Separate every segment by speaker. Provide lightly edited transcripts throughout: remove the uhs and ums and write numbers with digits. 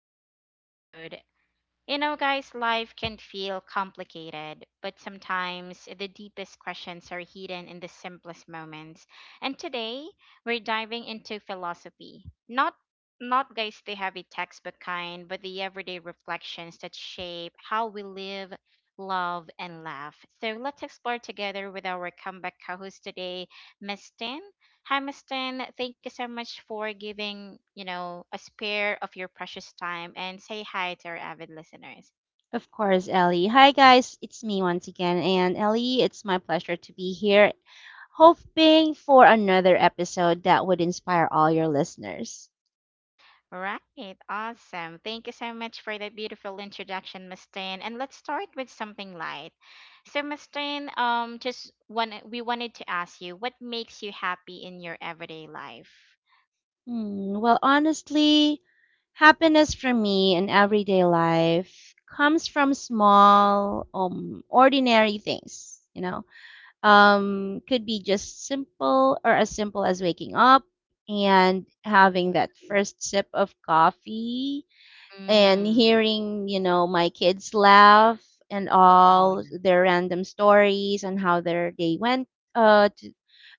Speaker 1: today's episode. You know, guys, life can feel complicated, but sometimes the deepest questions are hidden in the simplest moments. And today, we're diving into philosophy. Not not guys the heavy textbook kind, but the everyday reflections that shape how we live, love, and laugh. So let's explore together with our comeback co-host today, Miss Tin. Hi, Mustin. Thank you so much for giving, you know, a spare of your precious time and say hi to our avid listeners.
Speaker 2: Of course, Ellie. Hi, guys. It's me once again. And Ellie, it's my pleasure to be here, hoping for another episode that would inspire all your listeners.
Speaker 1: Right. Awesome. Thank you so much for that beautiful introduction, Mustin. And let's start with something light. So, Mustin, just one, we wanted to ask you, what makes you happy in your everyday life?
Speaker 2: Well, honestly, happiness for me in everyday life comes from small, ordinary things. Could be just simple or as simple as waking up and having that first sip of coffee and
Speaker 1: Mm.
Speaker 2: hearing my kids laugh and
Speaker 1: Oh,
Speaker 2: all
Speaker 1: yeah.
Speaker 2: their random stories and how their day went to,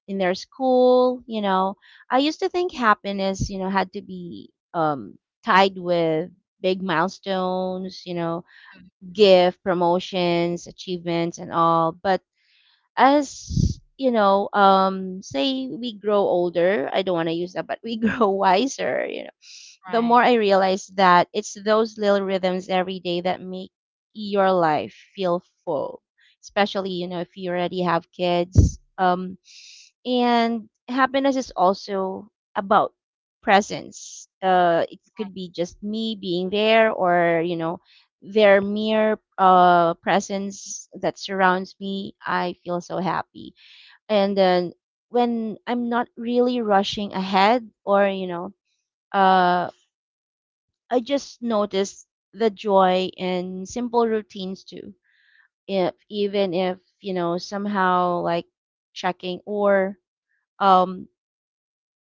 Speaker 2: in their school. I used to think happiness had to be tied with big milestones,
Speaker 1: Mhm.
Speaker 2: gift promotions achievements and all, but as you know, say, we grow older. I don't want to use that, but we grow wiser, the
Speaker 1: Right.
Speaker 2: more I realize that it's those little rhythms every day that make your life feel full, especially, if you already have kids. And happiness is also about presence. It
Speaker 1: Right.
Speaker 2: could be just me being there or, their mere presence that surrounds me. I feel so happy. And then, when I'm not really rushing ahead or, uh, I just noticed the joy in simple routines too. If even if, you know, somehow, like, checking or um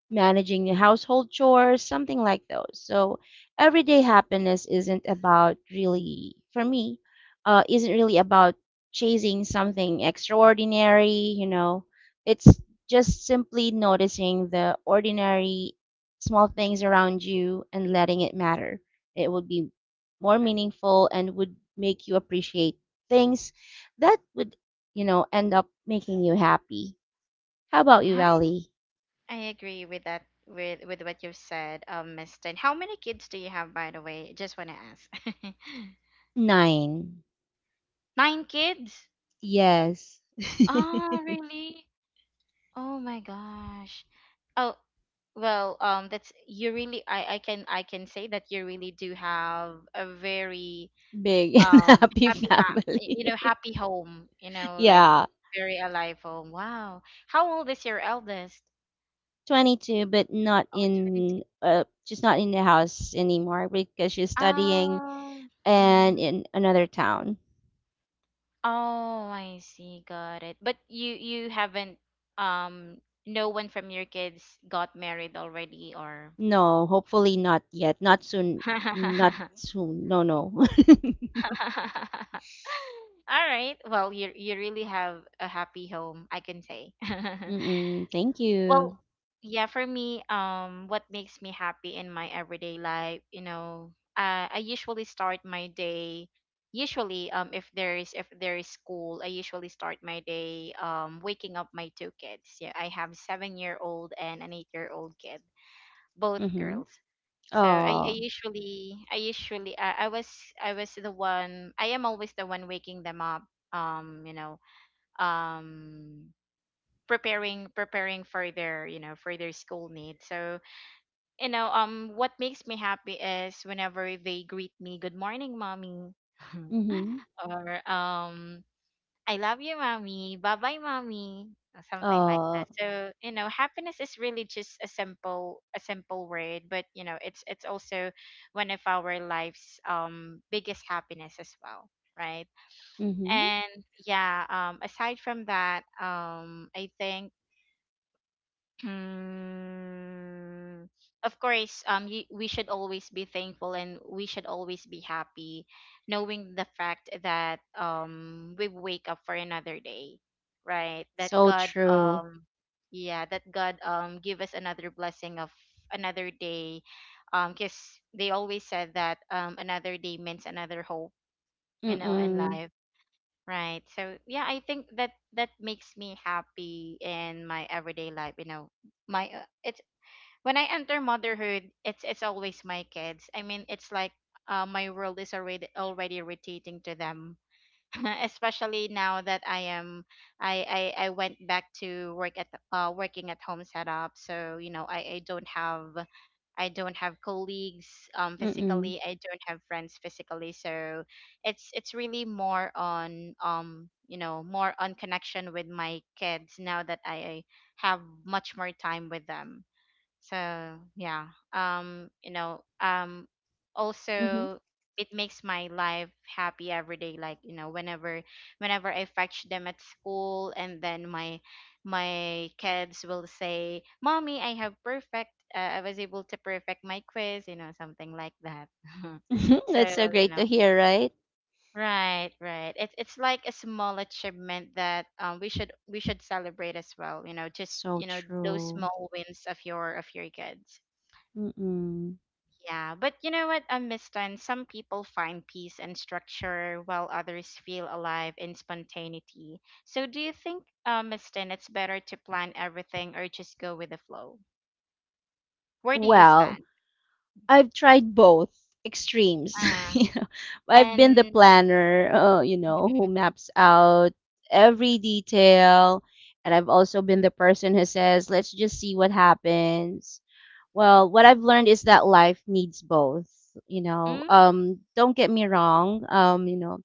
Speaker 2: managing your household chores, something like those. So everyday happiness isn't about really, for me, isn't really about chasing something extraordinary. It's just simply noticing the ordinary small things around you and letting it matter. It would be more
Speaker 1: Right.
Speaker 2: meaningful and would make you appreciate things that would end up making you happy. How about you,
Speaker 1: Right.
Speaker 2: Ellie?
Speaker 1: I agree with that with what you've said, Miss Tin. How many kids do you have, by the way? Just wanna ask.
Speaker 2: Nine.
Speaker 1: Nine kids?
Speaker 2: Yes.
Speaker 1: Oh, really? Oh my gosh. Oh, well, that's you really. I can say that you really do have a very
Speaker 2: Big and
Speaker 1: um
Speaker 2: happy
Speaker 1: happy ha
Speaker 2: family.
Speaker 1: happy home. You know, like
Speaker 2: Yeah.
Speaker 1: very alive home. Wow. How old is your eldest?
Speaker 2: 22, but not
Speaker 1: Oh,
Speaker 2: in, just not in the house anymore because she's
Speaker 1: 22.
Speaker 2: studying and
Speaker 1: Mm-hmm.
Speaker 2: in another town.
Speaker 1: Oh, I see. Got it. But you haven't, no one from your kids got married already or
Speaker 2: No, hopefully not yet. Not soon. Not soon. No, no.
Speaker 1: All right. Well, you really have a happy home, I can say.
Speaker 2: Mm-mm, thank
Speaker 1: Well,
Speaker 2: you.
Speaker 1: yeah, for me, what makes me happy in my everyday life, you know, I usually start my day. Usually, if there is school, I usually start my day waking up my two kids. Yeah, I have 7-year old and an 8-year old kid, both
Speaker 2: Mm-hmm.
Speaker 1: girls. So I
Speaker 2: Oh.
Speaker 1: usually I usually I was the one I am always the one waking them up. Um, you know, um preparing for their, you know, for their school needs. So, you know, what makes me happy is whenever they greet me, "Good morning, mommy,"
Speaker 2: Mm-hmm.
Speaker 1: or, "I love you, mommy. Bye bye, mommy," or something like
Speaker 2: Oh.
Speaker 1: that. So you know, happiness is really just a simple word, but you know, it's also one of our life's biggest happiness as well, right?
Speaker 2: Mm-hmm.
Speaker 1: And yeah, aside from that, I think, Mm, of course, we should always be thankful and we should always be happy, knowing the fact that we wake up for another day, right? That
Speaker 2: So
Speaker 1: God
Speaker 2: true.
Speaker 1: Yeah, that God give us another blessing of another day, because they always said that, another day means another hope, you know, in
Speaker 2: Mm-mm.
Speaker 1: life. Right. So yeah, I think that that makes me happy in my everyday life. You know, my it's when I enter motherhood, it's always my kids. I mean, it's like, my world is already already rotating to them. Especially now that I am, I went back to work at, working at home setup. So you know, I don't have colleagues
Speaker 2: Mm-mm.
Speaker 1: physically. I don't have friends physically. So it's really more on, you know, more on connection with my kids now that I have much more time with them. So yeah, also it makes my life happy every day. Like you know, whenever I fetch them at school, and then my kids will say, "Mommy, I have perfect. I was able to perfect my quiz." You know, something like that.
Speaker 2: Mm-hmm.
Speaker 1: So
Speaker 2: That's so
Speaker 1: you
Speaker 2: great to
Speaker 1: know.
Speaker 2: hear, right?
Speaker 1: Right, right. It's like a small achievement that we should celebrate as well. You know, just
Speaker 2: So
Speaker 1: you know, those
Speaker 2: true.
Speaker 1: small wins of your kids.
Speaker 2: Mm-mm.
Speaker 1: Yeah, but you know what, Miss Tan, some people find peace and structure while others feel alive in spontaneity. So do you think, Miss Tan, it's better to plan everything or just go with the flow? Where do you
Speaker 2: Well,
Speaker 1: stand?
Speaker 2: I've tried both extremes.
Speaker 1: Uh,
Speaker 2: you know, I've been the
Speaker 1: and
Speaker 2: planner,
Speaker 1: mm,
Speaker 2: who maps out every detail, and I've also been the person who says, "Let's just see what happens." Well, what I've learned is that life needs both.
Speaker 1: mm,
Speaker 2: Don't get me wrong. Um, you know,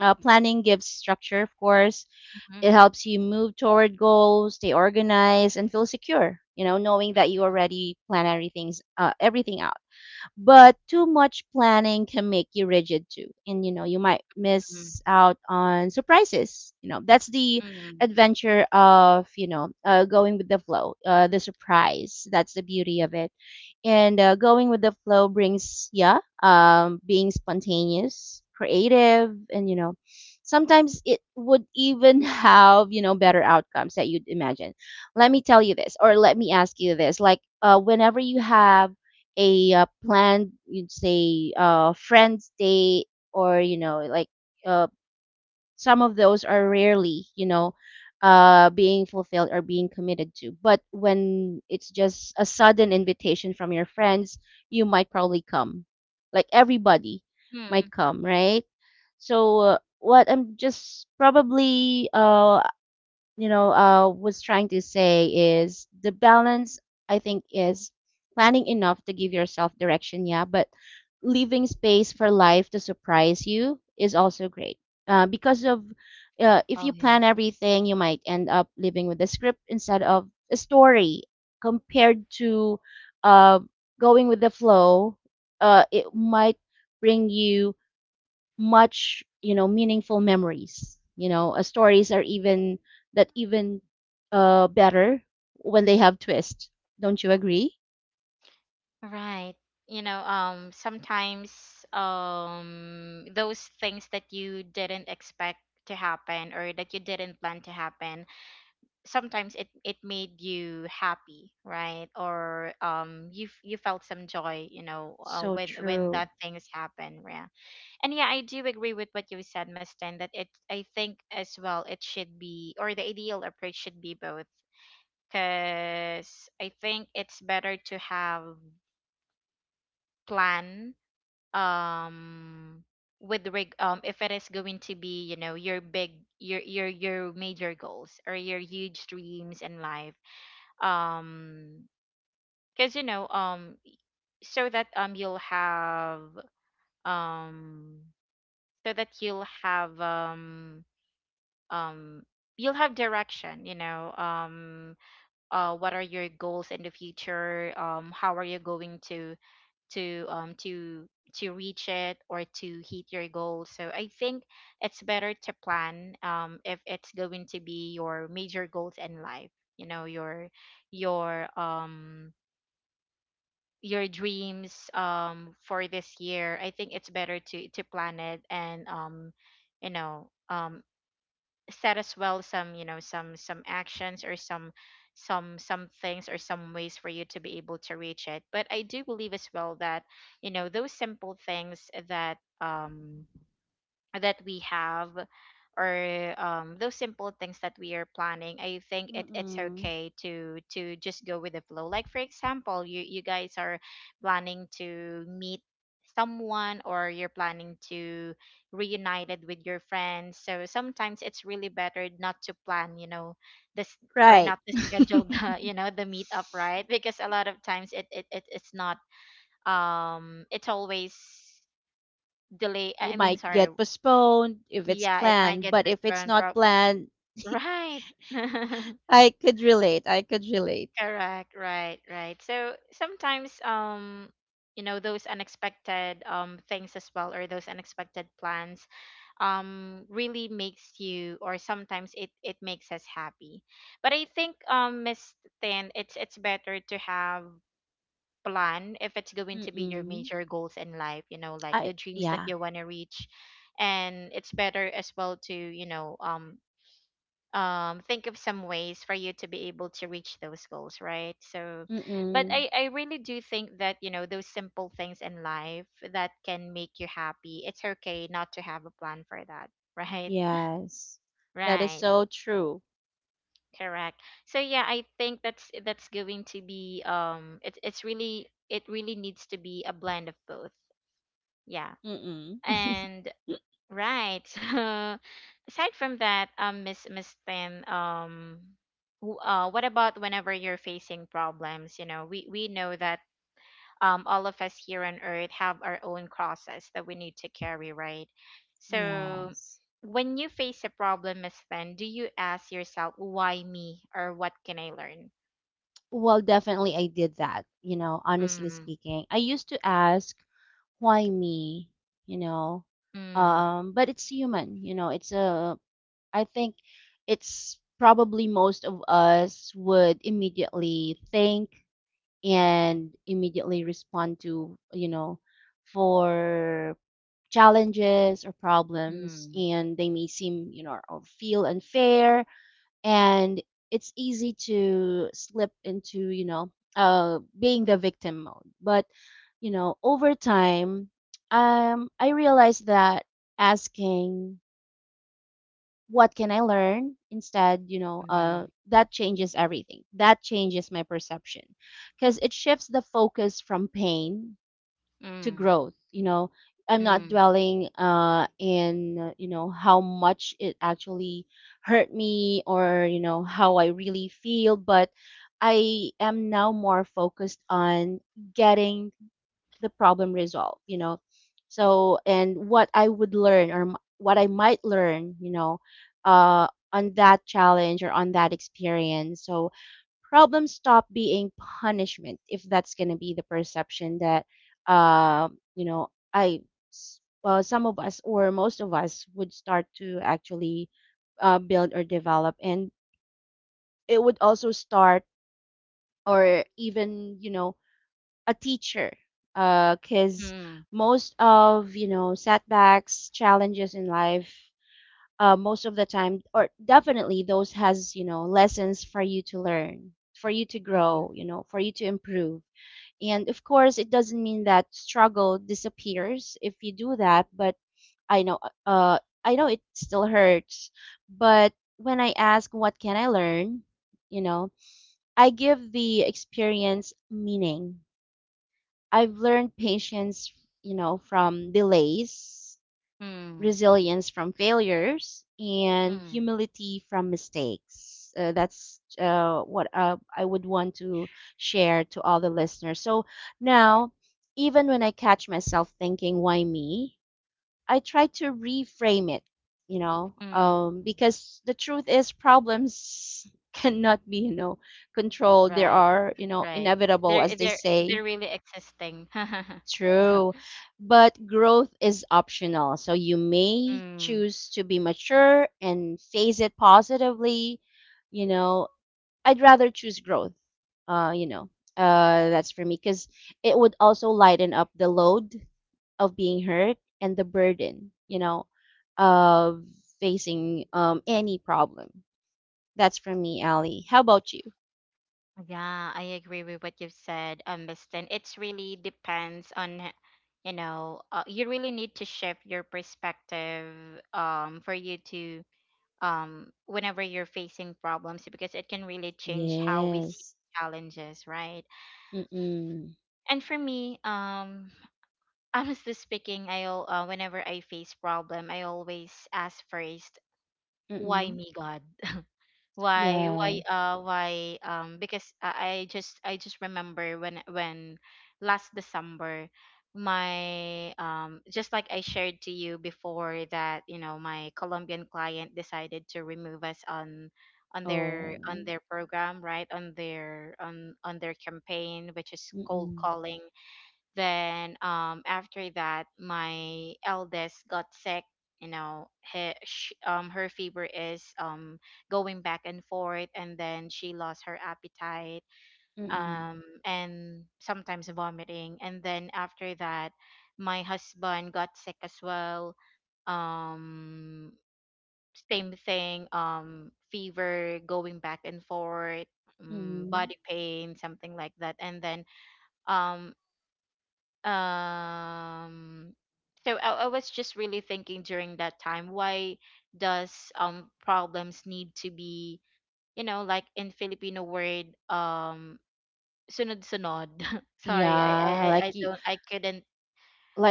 Speaker 2: uh, planning gives structure, of course.
Speaker 1: mm,
Speaker 2: It helps you move toward goals, stay organized, and feel secure. Knowing that you already plan everything out. But too much planning can make you rigid too, and you might miss out on surprises. That's the
Speaker 1: mm,
Speaker 2: adventure of, going with the flow, the surprise. That's the beauty of it. And going with the flow brings, yeah, being spontaneous, creative, and, sometimes it would even have, better outcomes that you'd imagine. Let me tell you this, or let me ask you this, like, whenever you have a, planned, you'd say, friends day, or, like, uh, some of those are rarely, being fulfilled or being committed to. But when it's just a sudden invitation from your friends, you might probably come, like everybody
Speaker 1: mm.
Speaker 2: might come, right? So what I'm just probably, was trying to say, is the balance, I think, is planning enough to give yourself direction, yeah, but leaving space for life to surprise you is also great. Because of if
Speaker 1: Oh
Speaker 2: you
Speaker 1: yeah.
Speaker 2: plan everything, you might end up living with a script instead of a story, compared to uh, going with the flow. It might bring you much, meaningful memories. Stories are even better when they have twist, don't you agree?
Speaker 1: Right. You know, sometimes, those things that you didn't expect to happen or that you didn't plan to happen, sometimes it it made you happy, right? Or you felt some joy, you know,
Speaker 2: So
Speaker 1: when when
Speaker 2: true.
Speaker 1: that things happen. Yeah. And yeah, I do agree with what you said, Mustin, that it, I think as well it should be, or the ideal approach should be both, because I think it's better to have plan, um with rig if it is going to be, you know, your big, your major goals or your huge dreams in life. Um because you know so that you'll have um so that you'll um have direction, you know. What are your goals in the future, how are you going to, reach it or to hit your goals? So I think it's better to plan, if it's going to be your major goals in life, you know, your um your dreams, for this year. I think it's better to plan it, and, you know um set as well some, you know, some actions or some things or some ways for you to be able to reach it. But I do believe as well that, you know, those simple things that, that we have, or, those simple things that we are planning, I think it, it's
Speaker 2: Mm-mm.
Speaker 1: okay to just go with the flow. Like for example, you guys are planning to meet someone, or you're planning to reunited with your friends. So sometimes it's really better not to plan, you know, this, or
Speaker 2: Right.
Speaker 1: not to schedule the you know the meetup, right? Because a lot of times it, it, it it's not, it's always delay,
Speaker 2: You
Speaker 1: I mean,
Speaker 2: might
Speaker 1: sorry.
Speaker 2: get postponed if it's
Speaker 1: Yeah, it might
Speaker 2: planned,
Speaker 1: get
Speaker 2: but if it's
Speaker 1: postponed.
Speaker 2: not
Speaker 1: Prob
Speaker 2: planned.
Speaker 1: Right.
Speaker 2: I could relate. I could relate.
Speaker 1: Correct. Right. Right. So sometimes, you know, those unexpected things as well, or those unexpected plans, really makes you, or sometimes it it makes us happy. But I think, Miss Tan, it's better to have plan if it's going to be your
Speaker 2: Mm-mm.
Speaker 1: major goals in life. You know, like
Speaker 2: I
Speaker 1: the dreams that
Speaker 2: Yeah.
Speaker 1: you want to reach. And it's better as well to, you know, think of some ways for you to be able to reach those goals, right? So, but
Speaker 2: Mm-mm.
Speaker 1: I really do think that, you know, those simple things in life that can make you happy, it's okay not to have a plan for that. Right.
Speaker 2: Yes. That is
Speaker 1: Right.
Speaker 2: so true.
Speaker 1: Correct. So yeah, I think that's going to be, it's really, it really needs to be a blend of both. Yeah.
Speaker 2: Mm. Mm.
Speaker 1: And right. So aside from that, Miss Tin, what about whenever you're facing problems? You know, we know that, all of us here on Earth have our own crosses that we need to carry, right? So
Speaker 2: Yes.
Speaker 1: when you face a problem, Miss Tin, do you ask yourself, "Why me?" or "What can I learn?"
Speaker 2: Well, definitely I did that, honestly
Speaker 1: Mm,
Speaker 2: speaking. I used to ask, why me? You know,
Speaker 1: mm,
Speaker 2: but it's human, it's a I think it's probably most of us would immediately think and immediately respond to, for challenges or problems,
Speaker 1: mm,
Speaker 2: and they may seem, or feel unfair. And it's easy to slip into, being the victim mode. But, over time, I realized that asking what can I learn instead,
Speaker 1: mm,
Speaker 2: that changes everything. That changes my perception, because it shifts the focus from pain to
Speaker 1: mm,
Speaker 2: growth. I'm not
Speaker 1: mm,
Speaker 2: dwelling in, how much it actually hurt me, or, how I really feel, but I am now more focused on getting the problem resolved. So, and what I would learn, or what I might learn, on that challenge or on that experience. So problems stop being punishment, if that's going to be the perception that, uh, you know i some of us or most of us would start to actually build or develop. And it would also start, or even, a teacher, because
Speaker 1: mm,
Speaker 2: most of, setbacks, challenges in life, most of the time, or definitely, those has, lessons for you to learn, for you to
Speaker 1: mm,
Speaker 2: grow, for you to improve. And of course it doesn't mean that struggle disappears if you do that, but i know I know it still hurts. But when I ask, what can I learn, you know I give the experience meaning. I've learned patience, from delays,
Speaker 1: mm, mm,
Speaker 2: resilience from failures, and
Speaker 1: mm.
Speaker 2: humility from mistakes. That's what I would want to share to all the listeners. So now, even when I catch myself thinking, why me? I try to reframe it,
Speaker 1: mm.
Speaker 2: because the truth is problems cannot be, controlled. They
Speaker 1: Right.
Speaker 2: are,
Speaker 1: Right.
Speaker 2: inevitable,
Speaker 1: They're
Speaker 2: as
Speaker 1: eh,
Speaker 2: they
Speaker 1: they're eh,
Speaker 2: say.
Speaker 1: they're really existing.
Speaker 2: True. But growth is optional. So you may
Speaker 1: Mm,
Speaker 2: choose to be mature and face it positively. You know, I'd rather choose growth. Uh, you know, that's for me, because it would also lighten up the load of being hurt and the burden, of facing, any problem. That's for me, Ali. How about you?
Speaker 1: yeah, I agree with what you've said, Miss Tin. It's really depends on, you know, you really need to shift your perspective, for you to, whenever you're facing problems, because it can really change how we see
Speaker 2: Yes.
Speaker 1: challenges, right?
Speaker 2: Mm-mm.
Speaker 1: And for me, honestly speaking, whenever I face problem, I always ask first, why
Speaker 2: Mm-mm.
Speaker 1: me, God?
Speaker 2: Yes.
Speaker 1: Why Because I just remember when last December my, just like I shared to you before that, you know, my Colombian client decided to remove us on,
Speaker 2: Oh.
Speaker 1: on their program, right, on their campaign, which is cold
Speaker 2: Mm-mm.
Speaker 1: calling. Then after that, my eldest got sick. You know, he, sh her fever is, going back and forth, and then she lost her appetite,
Speaker 2: Mm-mm.
Speaker 1: and sometimes vomiting. And then after that, my husband got sick as well. Um, same thing. Fever going back and forth,
Speaker 2: Mhm.
Speaker 1: body pain, something like that. And then um um so I was just really thinking during that time, why does problems need to be, you know, like in Filipino word, sunod-sunod. Sorry, I, I
Speaker 2: Yeah,
Speaker 1: I I don't,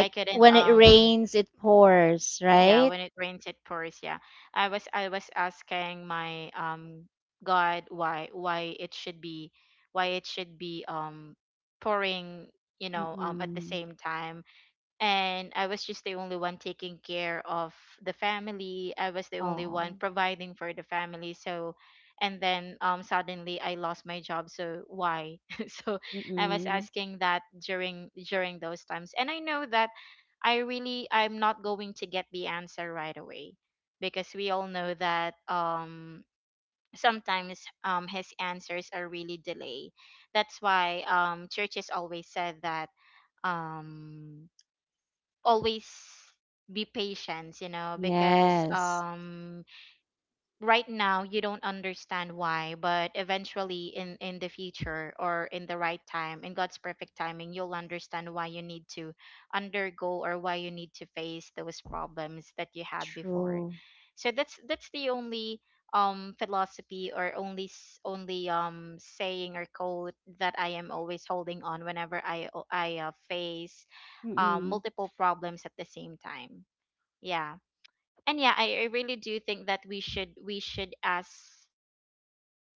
Speaker 1: I couldn't
Speaker 2: when it rains, it pours,
Speaker 1: yeah,
Speaker 2: right?
Speaker 1: when it rains it pours. Yeah, I was asking my, God, why, it should be, why it should be um pouring, you know, at the
Speaker 2: Mm-mm.
Speaker 1: same time, and I was just the only one taking care of the family. I was the only one
Speaker 2: Oh.
Speaker 1: providing for the family. So, and then suddenly I lost my job. So why? So I was
Speaker 2: Mm-mm.
Speaker 1: asking that during those times, and I know that I'm not going to get the answer right away because we all know that sometimes his answers are really delay. That's why churches always said that um always be patient, you know, because
Speaker 2: Yes.
Speaker 1: right now you don't understand why, but eventually in the future or in the right time in god's perfect timing, you'll understand why you need to undergo or why you need to face those problems that you had before.
Speaker 2: True.
Speaker 1: So that's the only philosophy or only saying or quote that I am always holding on whenever I face
Speaker 2: Mm-mm.
Speaker 1: multiple problems at the same time. Yeah. And yeah, I really do think that we should ask,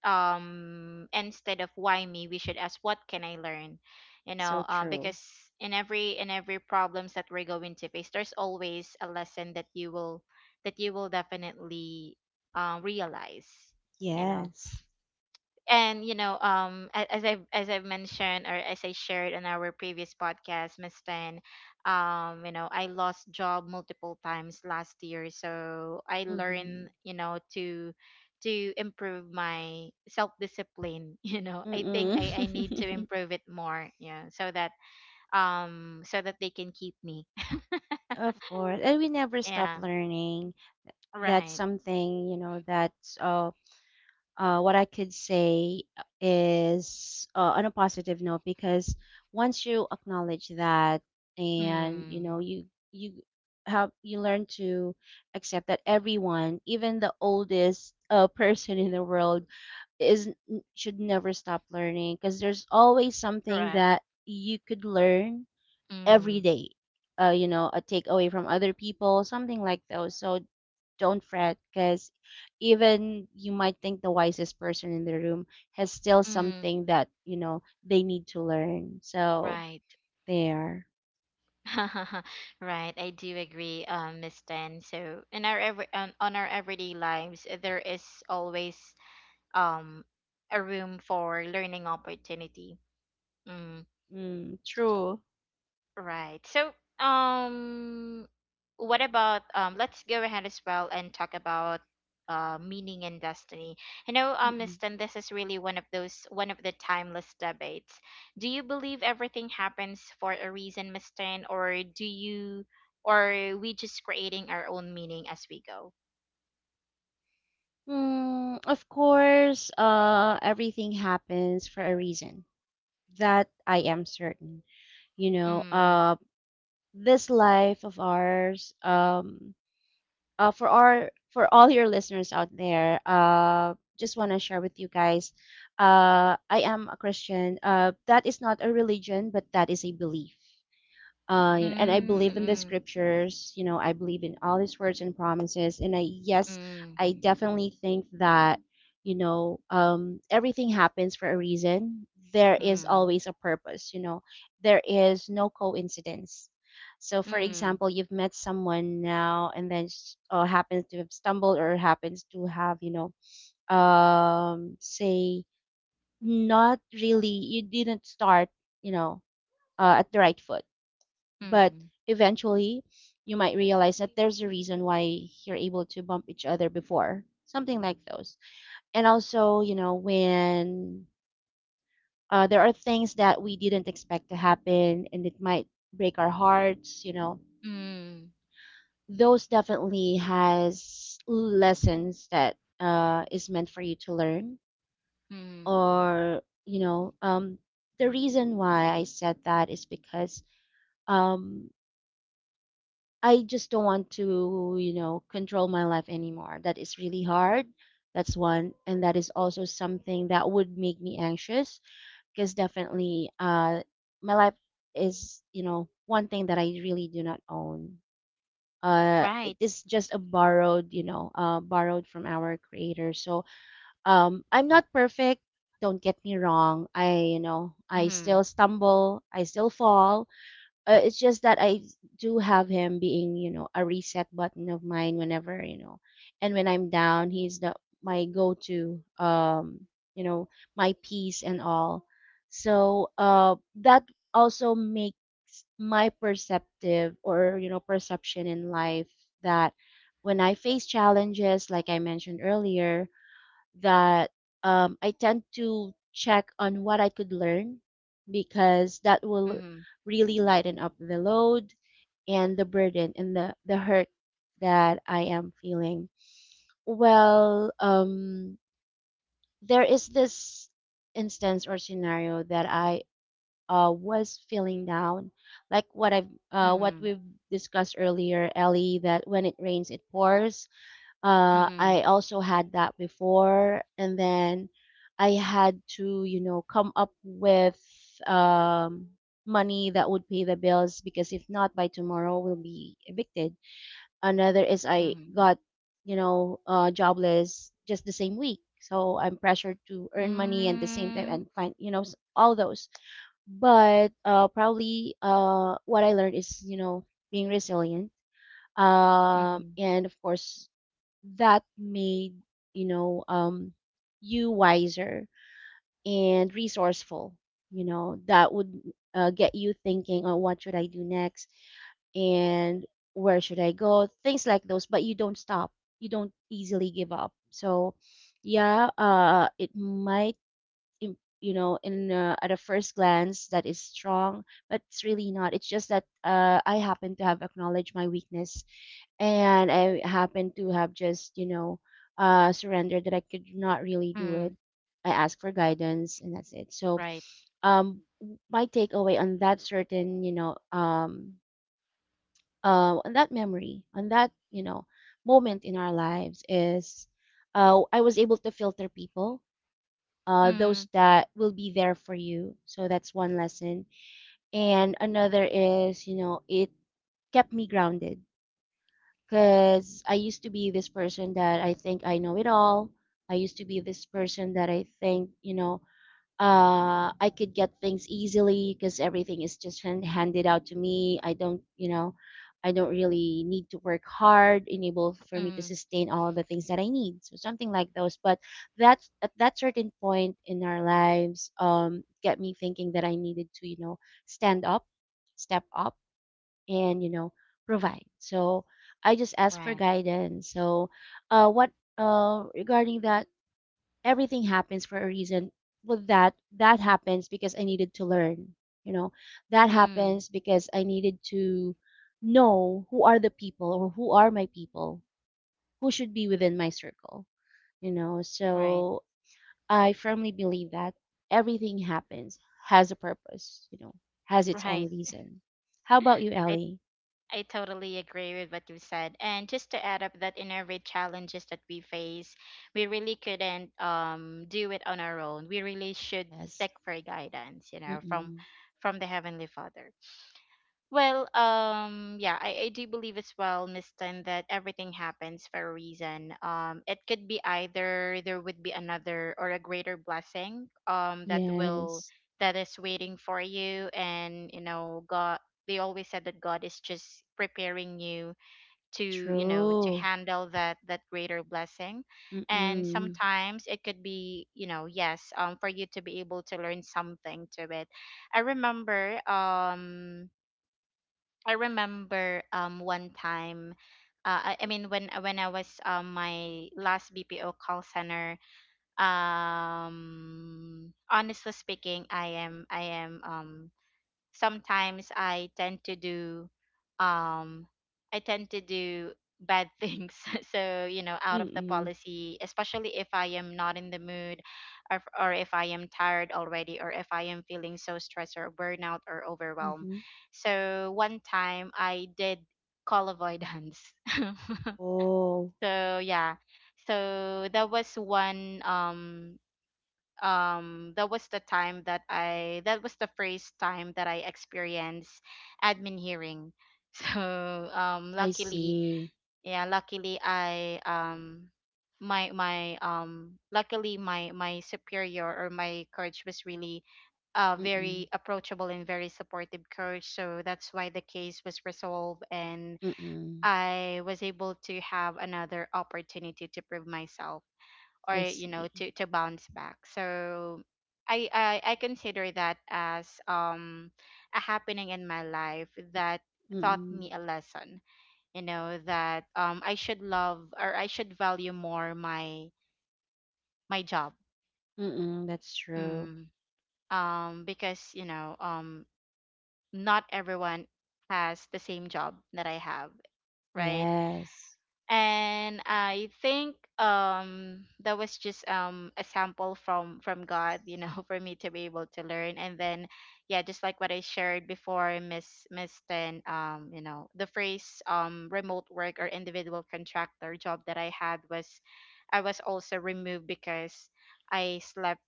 Speaker 1: instead of why me, we should ask what can I learn, you
Speaker 2: So
Speaker 1: know,
Speaker 2: true.
Speaker 1: because in every problems that we're going to face, there's always a lesson that you will definitely realize, you know.
Speaker 2: Yes.
Speaker 1: And you know, as I as I have mentioned or as I shared in our previous podcast, Miss Tan, you know, I lost job multiple times last year, so I
Speaker 2: Mm-hmm.
Speaker 1: learned, you know, to improve my self discipline. You know, I think
Speaker 2: Mm-mm.
Speaker 1: I need to improve it more, yeah, so that so that they can keep me.
Speaker 2: Of course. And we never stop
Speaker 1: Yeah.
Speaker 2: learning. That's
Speaker 1: Right.
Speaker 2: something, that's, what I could say, is, on a positive note, because once you acknowledge that, and
Speaker 1: Mm.
Speaker 2: you you learn to accept that everyone, even the oldest person in the world, should never stop learning, because there's always something
Speaker 1: Correct.
Speaker 2: that you could learn every
Speaker 1: Mm.
Speaker 2: day. A takeaway from other people, something like those. So don't fret, because even you might think the wisest person in the room has still
Speaker 1: Mm.
Speaker 2: something that, they need to learn. So
Speaker 1: Right.
Speaker 2: there.
Speaker 1: Right, I do agree, Miss Tan. So in our every on our everyday lives, there is always um a room for learning opportunity. Mm.
Speaker 2: Mm, true.
Speaker 1: Right. So, um, what about? Let's go ahead as well and talk about meaning and destiny. You know,
Speaker 2: Mm-mm.
Speaker 1: Miss Tan, this is really one of the timeless debates. Do you believe everything happens for a reason, Miss Tan, or or are we just creating our own meaning as we go?
Speaker 2: Mm, of course, everything happens for a reason. That I am certain. you know
Speaker 1: Mm.
Speaker 2: uh this life of ours, for all your listeners out there, just want to share with you guys, I am a Christian. That is not a religion, but that is a belief, and I believe in the
Speaker 1: Mm.
Speaker 2: scriptures. I believe in all these words and promises. And I, yes,
Speaker 1: Mm.
Speaker 2: I definitely think that, everything happens for a reason. There is
Speaker 1: Mm.
Speaker 2: always a purpose. There is no coincidence. So,
Speaker 1: Mm.
Speaker 2: for
Speaker 1: Mm.
Speaker 2: example, you've met someone now, and then happens to have stumbled, or happens to have, say, not really, you didn't start, you know, at the right foot,
Speaker 1: Mm.
Speaker 2: but
Speaker 1: Mm.
Speaker 2: eventually, you might realize that there's a reason why you're able to bump each other before, something like those. And also, when, there are things that we didn't expect to happen and it might break our hearts,
Speaker 1: Mm.
Speaker 2: those definitely has lessons that, is meant for you to learn.
Speaker 1: Mm.
Speaker 2: Or, the reason why I said that is because, um, I just don't want to, control my life anymore. That is really hard. That's one. And that is also something that would make me anxious, because definitely, my life is, one thing that I really do not own. It
Speaker 1: Right.
Speaker 2: is just a borrowed from our creator. So, I'm not perfect. Don't get me wrong. I
Speaker 1: Mm.
Speaker 2: still stumble. I still fall. It's just that I do have him being, you know, a reset button of mine whenever, you know, and when I'm down, he's the my go-to, you know, my peace and all. So, that also makes my perceptive or, you know, perception in life that when I face challenges, like I mentioned earlier, that I tend to check on what I could learn because that
Speaker 1: Mm.
Speaker 2: will really lighten up the load and the burden and the hurt that I am feeling. Well, there is this instance or scenario that I was feeling down, like
Speaker 1: Mm.
Speaker 2: what we've discussed earlier, Ellie, that when it rains, it pours.
Speaker 1: Mhm,
Speaker 2: I also had that before, and then I had to, you know, come up with um, money that would pay the bills because if not, by tomorrow we'll be evicted. Another is I
Speaker 1: mhm.
Speaker 2: got, you know, jobless just the same week, so I'm pressured to earn money and the same
Speaker 1: Mm,
Speaker 2: time and find, you know, all those. But probably what I learned is, you know, being resilient,
Speaker 1: mhm,
Speaker 2: and of course that made, you know, you wiser and resourceful, you know, that would get you thinking on what should I do next and where should I go, things like those. But you don't stop, you don't easily give up. So yeah, it might, you know, in at a first glance that is strong, but it's really not. It's just that I happen to have acknowledged my weakness, and I happen to have just, you know, surrendered that I could not really do
Speaker 1: mm,
Speaker 2: it. I asked for guidance, and that's it. So
Speaker 1: right.
Speaker 2: my takeaway on that certain, you know, on that memory, on that, you know, moment in our lives is, I was able to filter people,
Speaker 1: Mm,
Speaker 2: those that will be there for you. So that's one lesson. And another is, you know, it kept me grounded because I used to be this person that I think I know it all. I used to be this person that I think, you know, I could get things easily because everything is just handed out to me. I don't really need to work hard, enable for me to
Speaker 1: mm,
Speaker 2: sustain all the things that I need. So something like those. But that's at that certain point in our lives, get me thinking that I needed to, you know, stand up, step up, and, you know, provide. So I just asked for
Speaker 1: right.
Speaker 2: guidance. So, what regarding that, everything happens for a reason. Well, that happens because I needed to learn. You know, that
Speaker 1: Mm,
Speaker 2: happens because I needed to know who are the people or who are my people, who should be within my circle. You know,
Speaker 1: right.
Speaker 2: so I firmly believe that everything happens has a purpose. You know, has its
Speaker 1: Right.
Speaker 2: own reason. How about you,
Speaker 1: I
Speaker 2: Ellie?
Speaker 1: I totally agree with what you said. And just to add up that in every challenges that we face, we really couldn't do it on our own. We really should
Speaker 2: Yes.
Speaker 1: seek for guidance, you know,
Speaker 2: Mm-mm.
Speaker 1: from the Heavenly Father. Well, yeah, I do believe as well, Miss Tan, that everything happens for a reason. It could be either there would be another or a greater blessing,
Speaker 2: Yes.
Speaker 1: that is waiting for you, and you know, God. They always said that God is just preparing you to, you know, to
Speaker 2: True.
Speaker 1: handle that greater blessing, and
Speaker 2: Mm-mm.
Speaker 1: sometimes it could be, you know, yes, for you to be able to learn something to it. I remember, um I remember one time I mean when I was my last BPO call center. Honestly speaking, I am sometimes I tend to do um I tend to do bad things, so you know, out of the
Speaker 2: Mm-mm.
Speaker 1: policy, especially if I am not in the mood, or if I am tired already, or if I am feeling so stressed or burnout or overwhelmed.
Speaker 2: Mm-hmm.
Speaker 1: So one time I did call avoidance.
Speaker 2: Oh,
Speaker 1: So yeah, so that was one that was the time that I that was the first time that I experienced admin hearing. So
Speaker 2: I
Speaker 1: luckily,
Speaker 2: see.
Speaker 1: yeah, luckily I my my luckily my superior or my coach was really
Speaker 2: Mm-mm.
Speaker 1: very approachable and very supportive coach, so that's why the case was resolved, and
Speaker 2: Mm-mm.
Speaker 1: I was able to have another opportunity to prove myself or,
Speaker 2: I
Speaker 1: you know,
Speaker 2: see.
Speaker 1: to bounce back. So I I consider that as a happening in my life that taught
Speaker 2: Mm-mm.
Speaker 1: me a lesson, you know, that I should love or I should value more my my job.
Speaker 2: Mm-mm. That's true.
Speaker 1: Mm. Um, because you know, not everyone has the same job that I have, right?
Speaker 2: Yes.
Speaker 1: And I think that was just a sample from God, you know, for me to be able to learn. And then, yeah, just like what I shared before, Miss Ten, you know, the phrase remote work or individual contractor job that I had was, I was also removed because I slept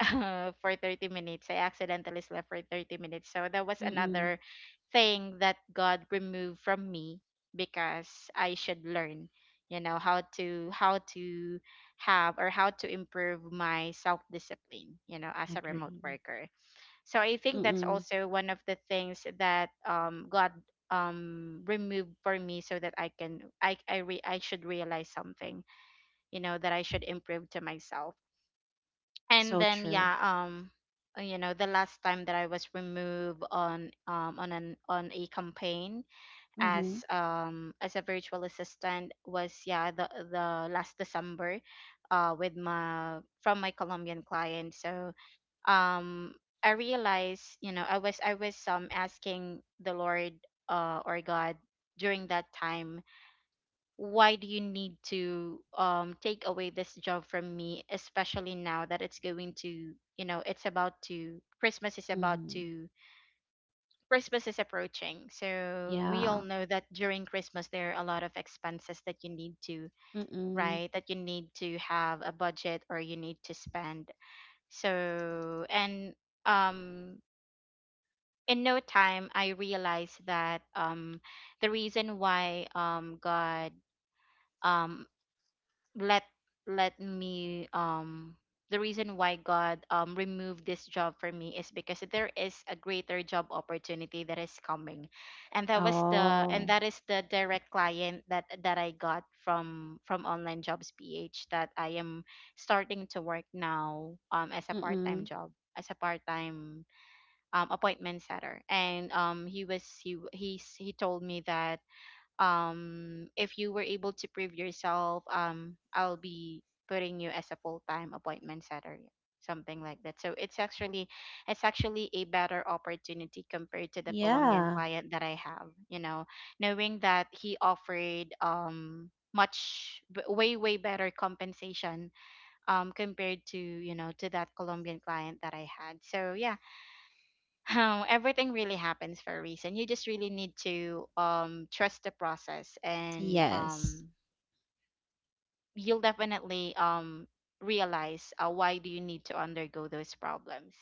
Speaker 1: for 30 minutes. I accidentally slept for 30 minutes. So that was
Speaker 2: Mm-mm.
Speaker 1: another thing that God removed from me because I should learn, you know, how to have or how to improve my self-discipline, you know, as a remote
Speaker 2: Agree.
Speaker 1: worker. So I think that's
Speaker 2: Mm-mm.
Speaker 1: also one of the things that God removed for me so that I I should realize something, you know, that I should improve to myself. And
Speaker 2: So
Speaker 1: then
Speaker 2: true.
Speaker 1: yeah you know, the last time that I was removed on an on a campaign
Speaker 2: Mm-hmm.
Speaker 1: as a virtual assistant was yeah the last december with my from my colombian client. So um I realized, you know, I was asking the lord or god during that time, why do you need to take away this job from me, especially now that it's going to you know, it's about to
Speaker 2: Mm-hmm.
Speaker 1: christmas is approaching. So we all
Speaker 2: Yeah.
Speaker 1: know that during christmas there are a lot of expenses that you need to,
Speaker 2: Mm-mm.
Speaker 1: right, that you need to have a budget or you need to spend. So and um in no time I realized that the reason why god um let let me the reason why God removed this job for me is because there is a greater job opportunity that is coming. And
Speaker 2: Oh.
Speaker 1: that is the direct client that I got from online jobs PH that I am starting to work now as a part-time
Speaker 2: Mm-mm.
Speaker 1: job, as a part-time appointment setter. And he was he w- he's he told me that if you were able to prove yourself, I'll be putting you as a full-time appointment setter, yeah, something like that. So it's actually a better opportunity compared to the colombian
Speaker 2: Yeah.
Speaker 1: client that I have, you know, knowing that he offered way way better compensation compared to, you know, to that colombian client that I had. So yeah, how everything really happens for a reason. You just really need to trust the process and
Speaker 2: Yes.
Speaker 1: you'll definitely realize why do you need to undergo those problems.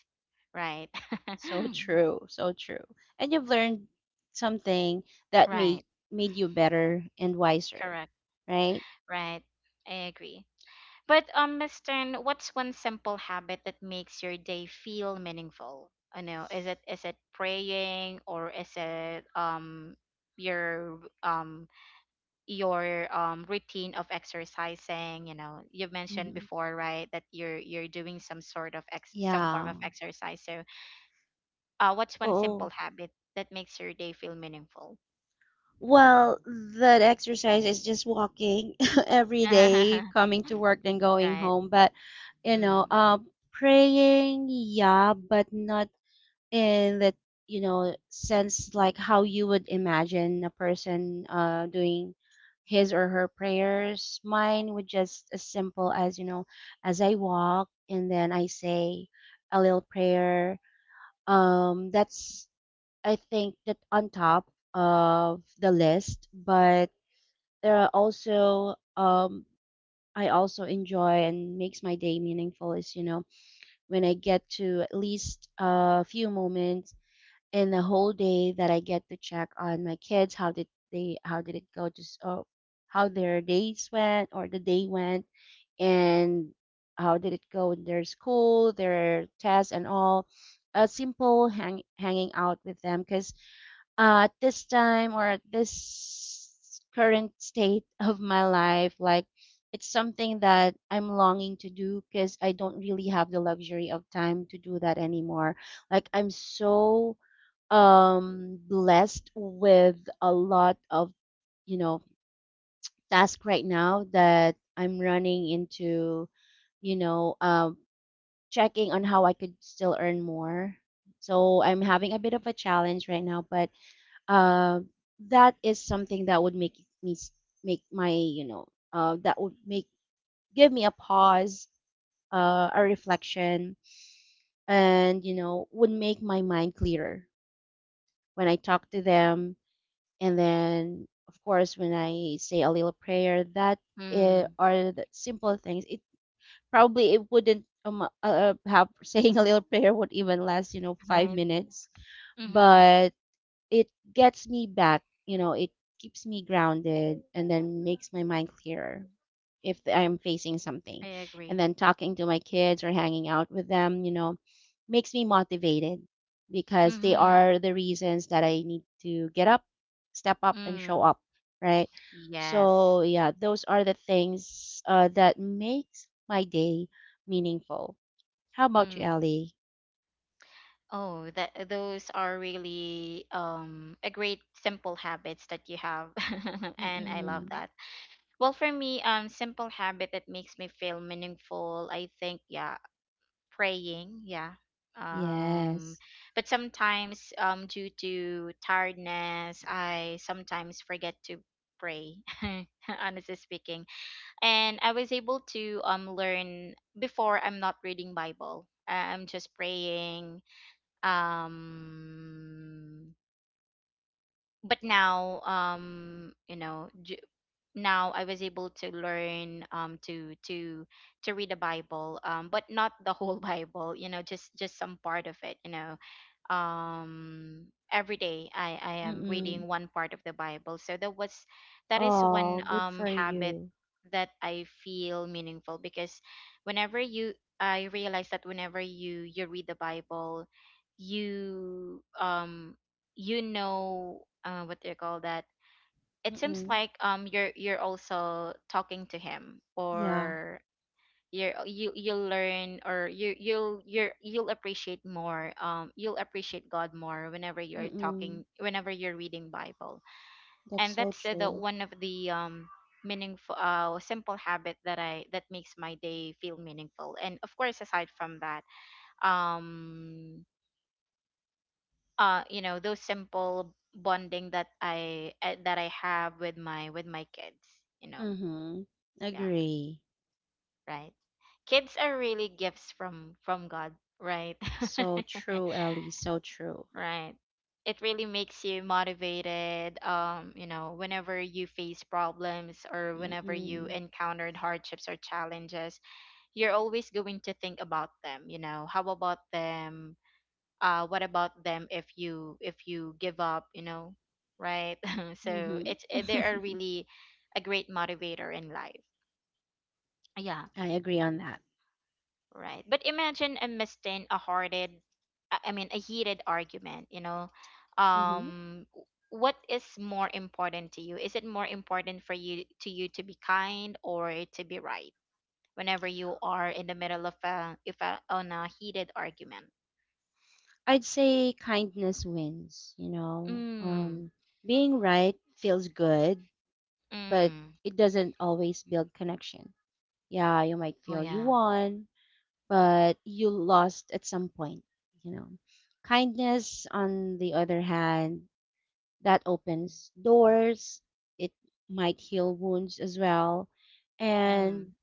Speaker 1: Right.
Speaker 2: So true. So true. And you've learned something that made
Speaker 1: Right.
Speaker 2: made you better and wiser,
Speaker 1: Correct.
Speaker 2: right?
Speaker 1: Right. I agree. But Miss Stern, what's one simple habit that makes your day feel meaningful? I know. Is it praying, or is it your um your routine of exercising? You know, you mentioned
Speaker 2: Mm-hmm.
Speaker 1: before, right, that you're doing some sort of some form of
Speaker 2: Yeah.
Speaker 1: exercise. So what's one simple
Speaker 2: Oh.
Speaker 1: habit that makes your day feel meaningful?
Speaker 2: Well, that exercise is just walking every day, coming to work, then going
Speaker 1: Right.
Speaker 2: home. But, you
Speaker 1: Mm-hmm.
Speaker 2: know, praying, yeah, but not in that, you know, sense like how you would imagine a person doing his or her prayers. Mine would just as simple as, you know, as I walk and then I say a little prayer. That's, I think, that on top of the list. But there are also, I also enjoy and makes my day meaningful is, you know, when I get to at least a few moments in the whole day that I get to check on my kids, how did it go, just oh, how their days went or the day went, and how did it go in their school, their tests and all. A simple hanging out with them because, at this time or at this current state of my life, like it's something that I'm longing to do because I don't really have the luxury of time to do that anymore. Like I'm so blessed with a lot of, you know, tasks right now that I'm running into, you know, checking on how I could still earn more. So I'm having a bit of a challenge right now, but uh, that is something that would me s- make my, you know, that would make give me a pause, a reflection, and, you know, would make my mind clearer when I talk to them. And then of course when I say a little prayer, that,
Speaker 1: Mm.
Speaker 2: are the simple things. It probably, it wouldn't, have saying a little prayer would even last, you know, five
Speaker 1: Right.
Speaker 2: minutes
Speaker 1: Mm-hmm.
Speaker 2: But it gets me back, you know, it keeps me grounded and then makes my mind clearer if I'm facing
Speaker 1: I
Speaker 2: something.
Speaker 1: agree.
Speaker 2: And then talking to my kids or hanging out with them, you know, makes me motivated because they
Speaker 1: Mm-hmm.
Speaker 2: are the reasons that I need to get up, step up, and show
Speaker 1: Mm.
Speaker 2: up, right?
Speaker 1: Yes.
Speaker 2: So, yeah, those are the things that makes my day meaningful. How about you,
Speaker 1: Mm.
Speaker 2: Ellie?
Speaker 1: Oh, that those are really a great simple habits that you have. And I love
Speaker 2: Mm-mm.
Speaker 1: that. Well, for me, simple habit that makes me feel meaningful. I think, yeah, praying, yeah. Um,
Speaker 2: Yes.
Speaker 1: but sometimes, due to tiredness, I sometimes forget to pray. Honestly speaking, and I was able to learn before. I'm not reading Bible. I'm just praying. Um, but now, you know. Now I was able to learn to read the Bible, um, but not the whole Bible, you know, just some part of it, you know, every day I am
Speaker 2: Mm-mm.
Speaker 1: reading one part of the Bible. So that was that is one
Speaker 2: Oh, good for
Speaker 1: habit
Speaker 2: you.
Speaker 1: that I feel meaningful, because whenever you I realize that whenever you read the Bible, you you know what do you call that, it seems
Speaker 2: Mm-mm.
Speaker 1: like you're also talking to him,
Speaker 2: Yeah.
Speaker 1: or you'll learn, or you'll you'll appreciate more, you'll appreciate God more whenever you're
Speaker 2: Mm-mm.
Speaker 1: talking, whenever you're reading Bible.
Speaker 2: That's
Speaker 1: And
Speaker 2: so
Speaker 1: that's the
Speaker 2: true.
Speaker 1: one of the meaningful simple habit that I that makes my day feel meaningful. And of course, aside from that, um you know, those simple bonding that I have with my kids, you know,
Speaker 2: Mm-hmm.
Speaker 1: yeah,
Speaker 2: Agree.
Speaker 1: right? Kids are really gifts from God, right?
Speaker 2: So true, Ellie. So true.
Speaker 1: Right. It really makes you motivated whenever you face problems or whenever you
Speaker 2: Mm-mm.
Speaker 1: encountered hardships or challenges, you're always going to think about them. How about them? What about them if you give up, you know? Right? so
Speaker 2: Mm-hmm.
Speaker 1: it's eh, they are really a great motivator in life. Yeah.
Speaker 2: I agree on that.
Speaker 1: Right. But imagine a missed a hearted I mean a heated argument.
Speaker 2: Mm-hmm.
Speaker 1: What is more important to you? Is it more important for you to be kind or to be right whenever you are in the middle of a if a on a heated argument?
Speaker 2: I'd say kindness wins, you know.
Speaker 1: Mm.
Speaker 2: Being right feels good, but
Speaker 1: Mm.
Speaker 2: it doesn't always build connection. Yeah, you might
Speaker 1: Oh
Speaker 2: feel you
Speaker 1: yeah.
Speaker 2: won, but you lost at some point, you know. Kindness, on the other hand, that opens doors, it might heal wounds as well, and
Speaker 1: Mm.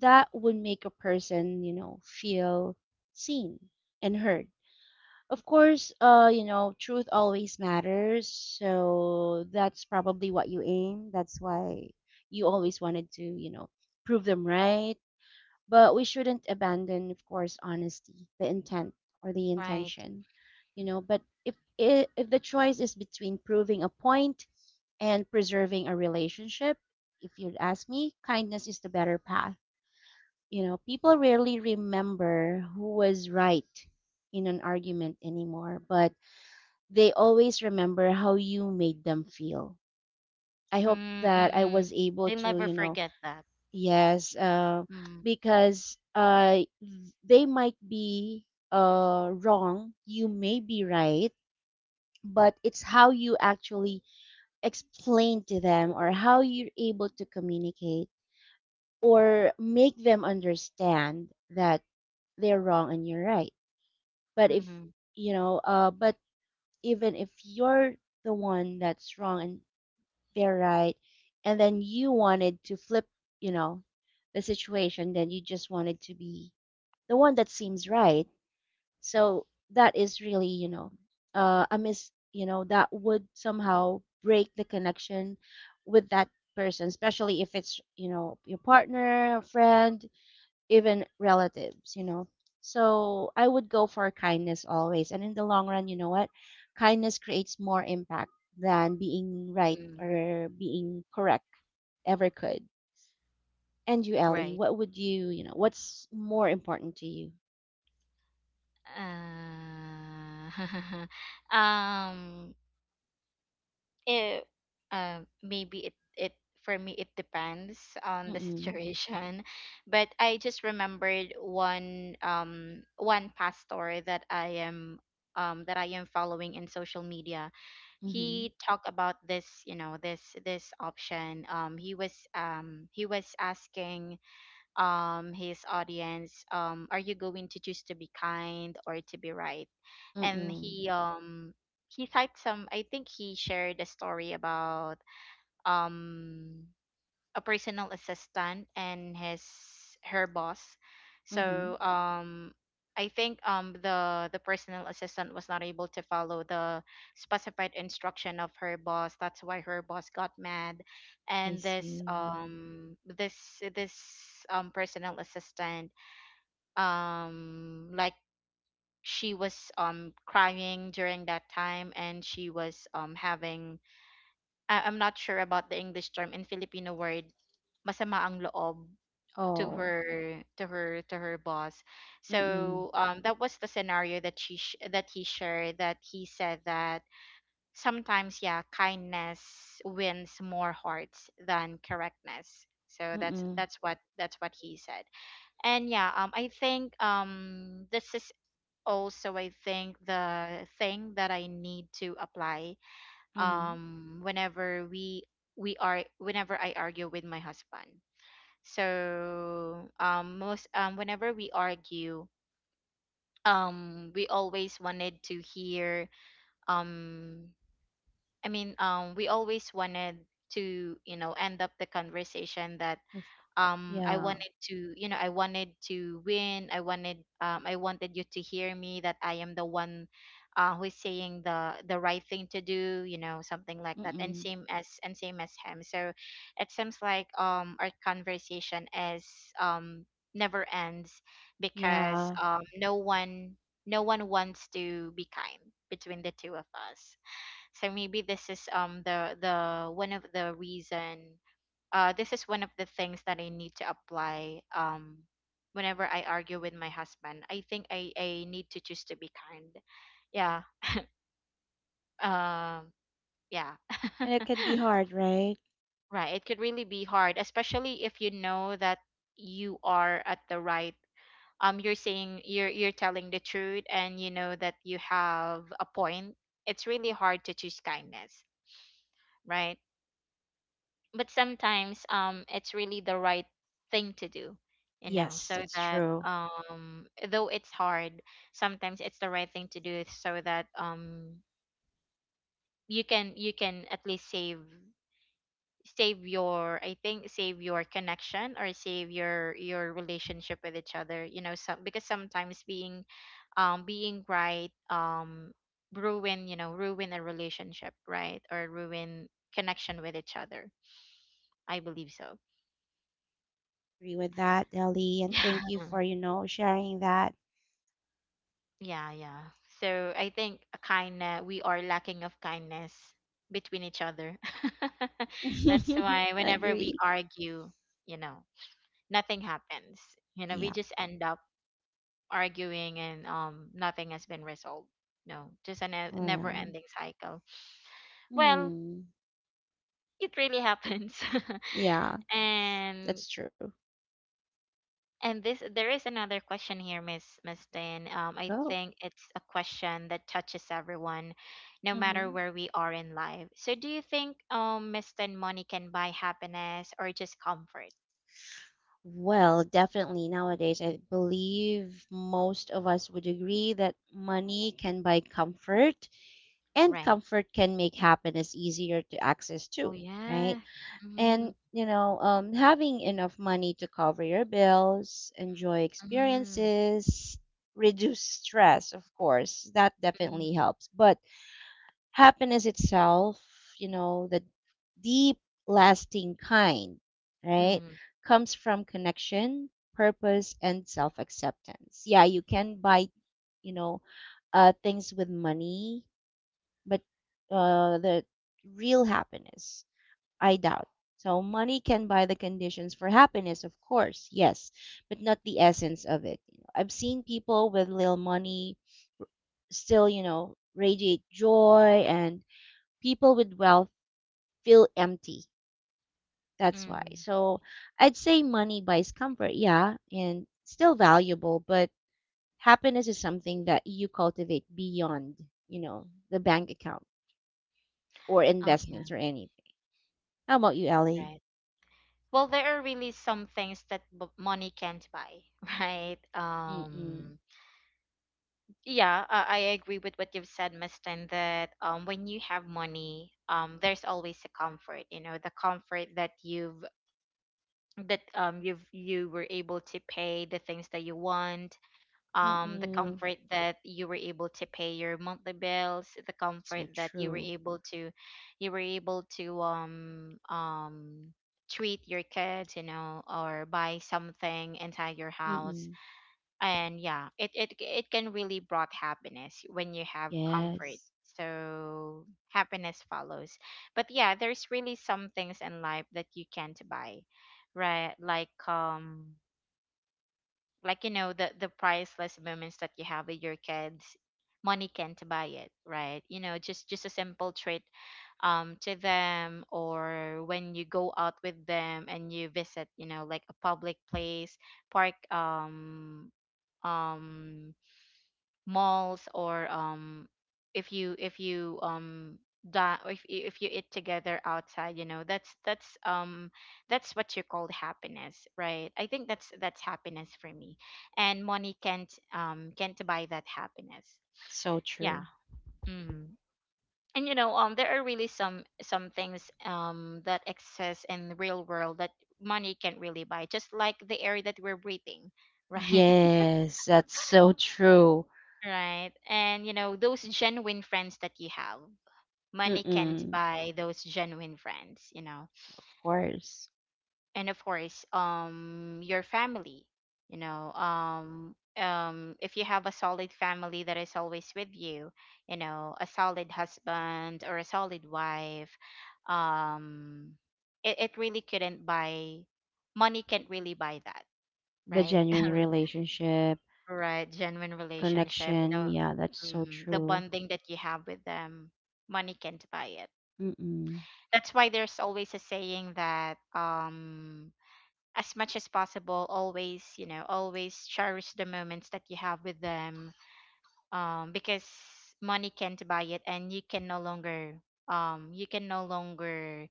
Speaker 2: that would make a person, you know, feel seen and heard. Of course, you know, truth always matters, so that's probably what you aim. That's why you always wanted to, you know, prove them right. But we shouldn't abandon, of course, honesty, the intent or the
Speaker 1: Right.
Speaker 2: intention, you know. But if if the choice is between proving a point and preserving a relationship, if you'd ask me, kindness is the better path. You know, people rarely remember who was right in an argument anymore, but they always remember how you made them feel. I hope
Speaker 1: Mm mm
Speaker 2: that I
Speaker 1: mm.
Speaker 2: was able
Speaker 1: They
Speaker 2: to,
Speaker 1: never
Speaker 2: you know.
Speaker 1: forget that.
Speaker 2: Yes,
Speaker 1: Mm.
Speaker 2: because, they might be wrong, you may be right, but it's how you actually explain to them or how you're able to communicate or make them understand that they're wrong and you're right. But if,
Speaker 1: Mm-hmm.
Speaker 2: you know, but even if you're the one that's wrong and they're right, and then you wanted to flip, you know, the situation, then you just wanted to be the one that seems right. So that is really, you know, a miss, you know, that would somehow break the connection with that person, especially if it's, you know, your partner, a friend, even relatives, you know. So I would go for kindness always. And in the long run, you know what? Kindness creates more impact than being right
Speaker 1: Mm.
Speaker 2: or being correct ever could. And you, Ellie,
Speaker 1: Right.
Speaker 2: what would you, you know, what's more important to you?
Speaker 1: Uh, um, it, maybe it, it for me it depends on the
Speaker 2: Mm-mm.
Speaker 1: situation, but I just remembered one pastor that I am following in social media.
Speaker 2: Mm-hmm.
Speaker 1: He talked about this, you know, this option. He was he was asking his audience, are you going to choose to be kind or to be right? And
Speaker 2: Mm.
Speaker 1: he he cited some, I think he shared a story about um a personal assistant and his her boss.
Speaker 2: Mhm.
Speaker 1: So I think the personal assistant was not able to follow the specified instruction of her boss. That's why her boss got mad.
Speaker 2: I
Speaker 1: And this
Speaker 2: see.
Speaker 1: um this this um personal assistant, like, she was crying during that time, and she was having, I'm not sure about the English term, in Filipino word, masama ang loob, to
Speaker 2: Oh.
Speaker 1: her, to her boss.
Speaker 2: Mm.
Speaker 1: So that was the scenario that that he shared, that he said that sometimes, yeah, kindness wins more hearts than correctness. So that's
Speaker 2: Mm.
Speaker 1: that's what that's what he said. And yeah, I think this is also, I think, the thing that I need to apply
Speaker 2: Mhm.
Speaker 1: whenever we are whenever I argue with my husband. So most, whenever we argue, we always wanted to hear, um I mean, we always wanted to, you know, end up the conversation that
Speaker 2: Of course. Yeah.
Speaker 1: I wanted to win. I wanted you to hear me that I am the one who is saying the right thing to do, you know, something like that. And
Speaker 2: Mm.
Speaker 1: same as him. So it seems like our conversation is, um never ends, because
Speaker 2: Yeah.
Speaker 1: no one wants to be kind between the two of us. So maybe this is the one of the reason, this is one of the things that I need to apply, whenever I argue with my husband. I think I need to choose to be kind. Yeah. Um, yeah.
Speaker 2: And it can be hard, right?
Speaker 1: Right. It could really be hard, especially if you know that you are at the right. You're saying you're telling the truth, and you know that you have a point. It's really hard to choose kindness, right? But sometimes it's really the right thing to do, you know,
Speaker 2: Yes,
Speaker 1: so
Speaker 2: that's
Speaker 1: that,
Speaker 2: true.
Speaker 1: though it's hard, sometimes it's the right thing to do, so that you can, at least, save save your I think, save your connection or save your relationship with each other, you know. Some, because sometimes being being right ruin, you know, ruin a relationship, right, or ruin connection with each other. I believe so.
Speaker 2: Agree with that, Ellie. And thank you for, you know, sharing that.
Speaker 1: Yeah, yeah. So I think a kindness we are lacking of kindness between each other. That's why whenever we
Speaker 2: Agree.
Speaker 1: argue, you know, nothing happens. You know, we
Speaker 2: Yeah.
Speaker 1: just end up arguing, and nothing has been resolved. No, just a never
Speaker 2: Well.
Speaker 1: ending cycle. Well,
Speaker 2: Hmm.
Speaker 1: it really happens.
Speaker 2: Yeah,
Speaker 1: and
Speaker 2: that's true.
Speaker 1: And this, there is another question here, Miss Tin. I
Speaker 2: Go.
Speaker 1: think it's a question that touches everyone, no matter
Speaker 2: Mhm.
Speaker 1: where we are in life. So, do you think, Miss Tin, money can buy happiness or just comfort?
Speaker 2: Well, definitely nowadays, I believe most of us would agree that money can buy comfort and
Speaker 1: Right.
Speaker 2: comfort can make happiness easier to access
Speaker 1: Oh
Speaker 2: too, right?
Speaker 1: yeah. Mm-hmm.
Speaker 2: And, you know, having enough money to cover your bills, enjoy
Speaker 1: Mm-hmm.
Speaker 2: experiences, reduce stress, of course, that definitely helps. But happiness itself, you know, the deep, lasting kind, right,
Speaker 1: Mm-hmm.
Speaker 2: comes from connection, purpose, and self acceptance. Yeah, you can buy, you know, things with money, but the real happiness, I doubt. So money can buy the conditions for happiness, of course, yes, but not the essence of it. You know, I've seen people with little money still, you know, radiate joy, and people with wealth feel empty. That's why.
Speaker 1: Mm-hmm.
Speaker 2: So I'd say money buys comfort, yeah, and still valuable, but happiness is something that you cultivate beyond, you know, the bank account or
Speaker 1: Oh yeah.
Speaker 2: investments or anything. How about you, Ellie?
Speaker 1: Right. Well, there are really some things that money can't buy, right?
Speaker 2: Mm-mm.
Speaker 1: Yeah, I agree with what you've said, Mustin, that when you have money, there's always a comfort, you know, the comfort that you were able to pay the things that you want, the
Speaker 2: Mm-mm.
Speaker 1: comfort that you were able to pay your monthly bills, the comfort
Speaker 2: So
Speaker 1: that
Speaker 2: true.
Speaker 1: you were able to treat your kids, you know, or buy something inside your house.
Speaker 2: Mm-mm.
Speaker 1: And yeah, it can really brought happiness when you have comfort,
Speaker 2: Yes.
Speaker 1: so happiness follows. But yeah, there's really some things in life that you can't buy, right, like, like, you know, the priceless moments that you have with your kids, money can't buy it, right, you know, just, a simple treat to them, or when you go out with them and you visit, you know, like a public place, park, um malls, or, if you da- if you eat together outside, you know, that's, that's what you call happiness, right? I think that's, happiness for me, and money can't, can't buy that happiness.
Speaker 2: So
Speaker 1: Yeah.
Speaker 2: true.
Speaker 1: Mm. And you know, there are really some, things that exist in the real world that money can't really buy, just like the air that we're breathing. Right.
Speaker 2: Yes, that's so true.
Speaker 1: Right. And you know, those genuine friends that you have. Money can't
Speaker 2: Mm-mm.
Speaker 1: buy those genuine friends.
Speaker 2: Of course,
Speaker 1: And of course, your family, you know, if you have a solid family that is always with you, you know, a solid husband or a solid wife, um it, really couldn't buy, money can't really buy that,
Speaker 2: the
Speaker 1: right?
Speaker 2: genuine relationship,
Speaker 1: Right, genuine relationship, you
Speaker 2: connection.
Speaker 1: know,
Speaker 2: Yeah, that's so
Speaker 1: mhm, the
Speaker 2: true.
Speaker 1: bonding that you have with them, money can't buy it.
Speaker 2: Mm-mm.
Speaker 1: That's why there's always a saying that, as much as possible, always, you know, always cherish the moments that you have with them, because money can't buy it, and you can no longer, you can no longer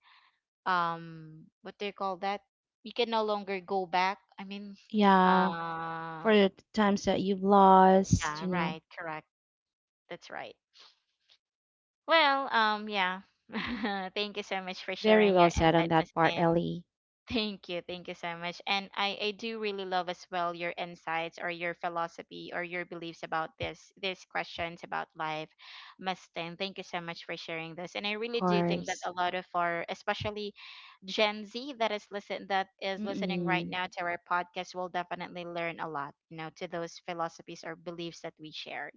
Speaker 1: um What do you call that? You can no longer go back. I mean,
Speaker 2: Yeah,
Speaker 1: uh
Speaker 2: for the times that you've lost,
Speaker 1: yeah,
Speaker 2: you know.
Speaker 1: right, correct. That's right. Well, yeah. Thank you so much for
Speaker 2: Very
Speaker 1: sharing
Speaker 2: well
Speaker 1: your
Speaker 2: said on
Speaker 1: insight,
Speaker 2: that
Speaker 1: Miss
Speaker 2: part,
Speaker 1: Lynn.
Speaker 2: Ellie.
Speaker 1: Thank you so much. And I do really love as well your insights or your philosophy or your beliefs about this these questions about life, Miss Lynn. Thank you so much for sharing this. And I
Speaker 2: Of
Speaker 1: really do think that
Speaker 2: course.
Speaker 1: a lot of our, especially Gen Z that is listening right
Speaker 2: Mm-mm.
Speaker 1: now to our podcast, will definitely learn a lot, you know, to those philosophies or beliefs that we shared.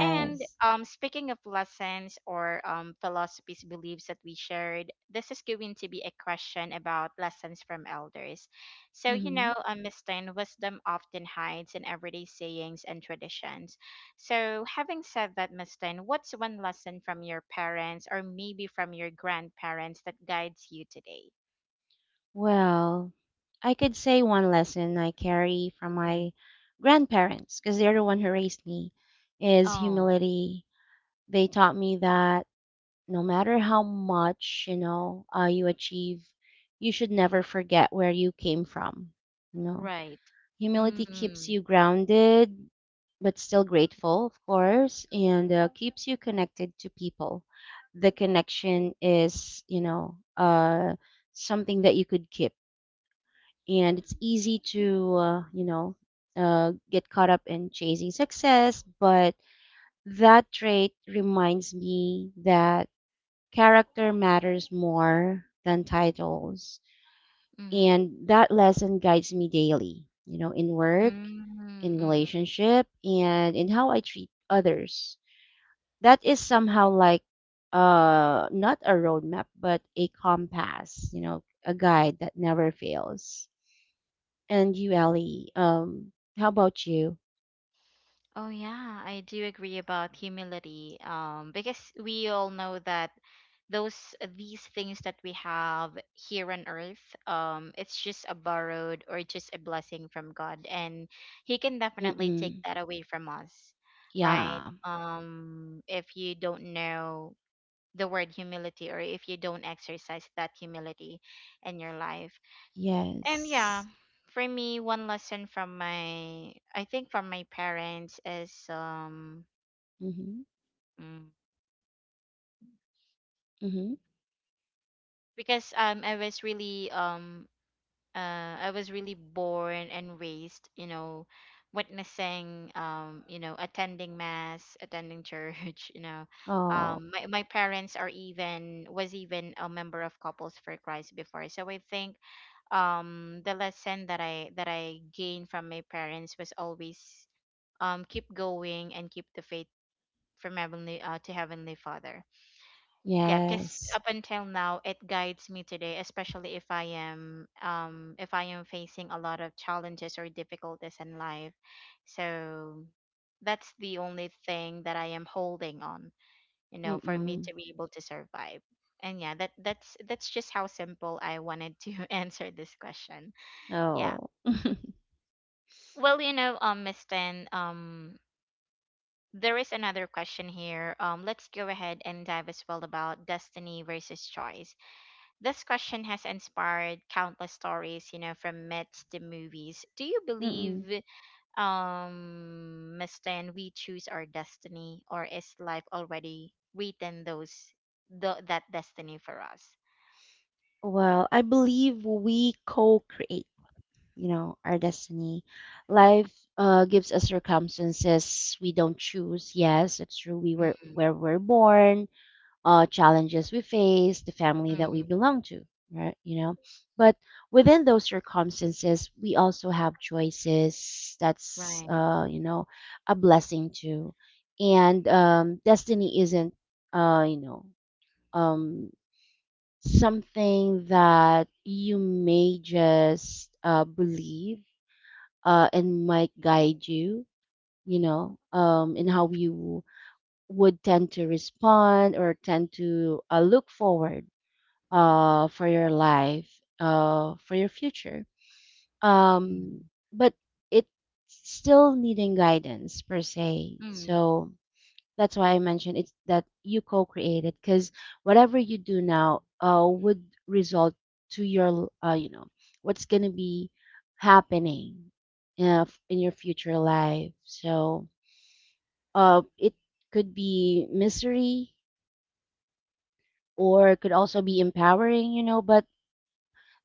Speaker 1: And speaking of lessons or, philosophies, beliefs that we shared, this is going to be a question about lessons from elders. So, you
Speaker 2: Mm-hmm.
Speaker 1: know, Miss Tin, wisdom often hides in everyday sayings and traditions. So, having said that, Miss Tin, what's one lesson from your parents or maybe from your grandparents that guides you today?
Speaker 2: Well, I could say one lesson I carry from
Speaker 1: Mm.
Speaker 2: my grandparents, because they're the one who raised me, is
Speaker 1: Oh,
Speaker 2: humility. They taught me that no matter how much, you achieve, you should never forget where you came from. You know,
Speaker 1: right.
Speaker 2: Humility keeps
Speaker 1: Mm-hmm.
Speaker 2: you grounded, but still grateful, of course, and keeps you connected to people. The connection is, something that you could keep, and it's easy to get caught up in chasing success, but that trait reminds me that character matters more than titles,
Speaker 1: Mm-hmm.
Speaker 2: and that lesson guides me daily, in work, in
Speaker 1: Mm-hmm.
Speaker 2: relationship, and in how I treat others. That is somehow like not a roadmap but a compass, a guide that never fails. And you, Ellie, how about you?
Speaker 1: Oh yeah, I do agree about humility. Because we all know that those these things that we have here on earth, it's just a borrowed or just a blessing from God, and He can definitely take
Speaker 2: Mm-mm.
Speaker 1: that away from us,
Speaker 2: Yeah.
Speaker 1: right? If you don't know the word humility or if you don't exercise that humility in your life, and
Speaker 2: Yes.
Speaker 1: yeah, for me, one lesson from my, I think from my parents, is,
Speaker 2: Mm-hmm.
Speaker 1: mm,
Speaker 2: Mm-hmm.
Speaker 1: because I was really born and raised, you know, witnessing, you know, attending mass, attending church, you know,
Speaker 2: Oh,
Speaker 1: my parents are even was even a member of Couples for Christ before. So I think the lesson that I gained from my parents was always, keep going and keep the faith from heavenly to heavenly father. Yeah, because
Speaker 2: yes.
Speaker 1: up until now it guides me today, especially if I am, if I am facing a lot of challenges or difficulties in life. So that's the only thing that I am holding on, you know, for me
Speaker 2: Mm-mm.
Speaker 1: to be able to survive. And yeah, that's just how simple I wanted to answer this question. Yeah.
Speaker 2: Oh.
Speaker 1: Well, you know, Miss Tan, there is another question here. Let's go ahead and dive as well about destiny versus choice. This question has inspired countless stories, you know, from myths to movies. Do you
Speaker 2: Mm-mm.
Speaker 1: believe, Miss Tan, we choose our destiny, or is life already written that destiny for us?
Speaker 2: Well, I believe we co-create, our destiny. Life gives us circumstances we don't choose. Yes, it's true. We were
Speaker 1: Mm,
Speaker 2: where we're born, challenges we face, the family that we
Speaker 1: mm,
Speaker 2: belong to, right? But within those circumstances, we also have choices. That's
Speaker 1: right.
Speaker 2: you know, a blessing too, and destiny isn't uh, you know, um, something that you may just believe and might guide you, in how you would tend to respond or tend to look forward for your life, for your future. Um,
Speaker 1: Mm,
Speaker 2: but it's still needing guidance per se.
Speaker 1: mm,
Speaker 2: So that's why I mentioned it's that you co-create it, because whatever you do now would result to your, what's going to be happening in your future life. So it could be misery, or it could also be empowering, but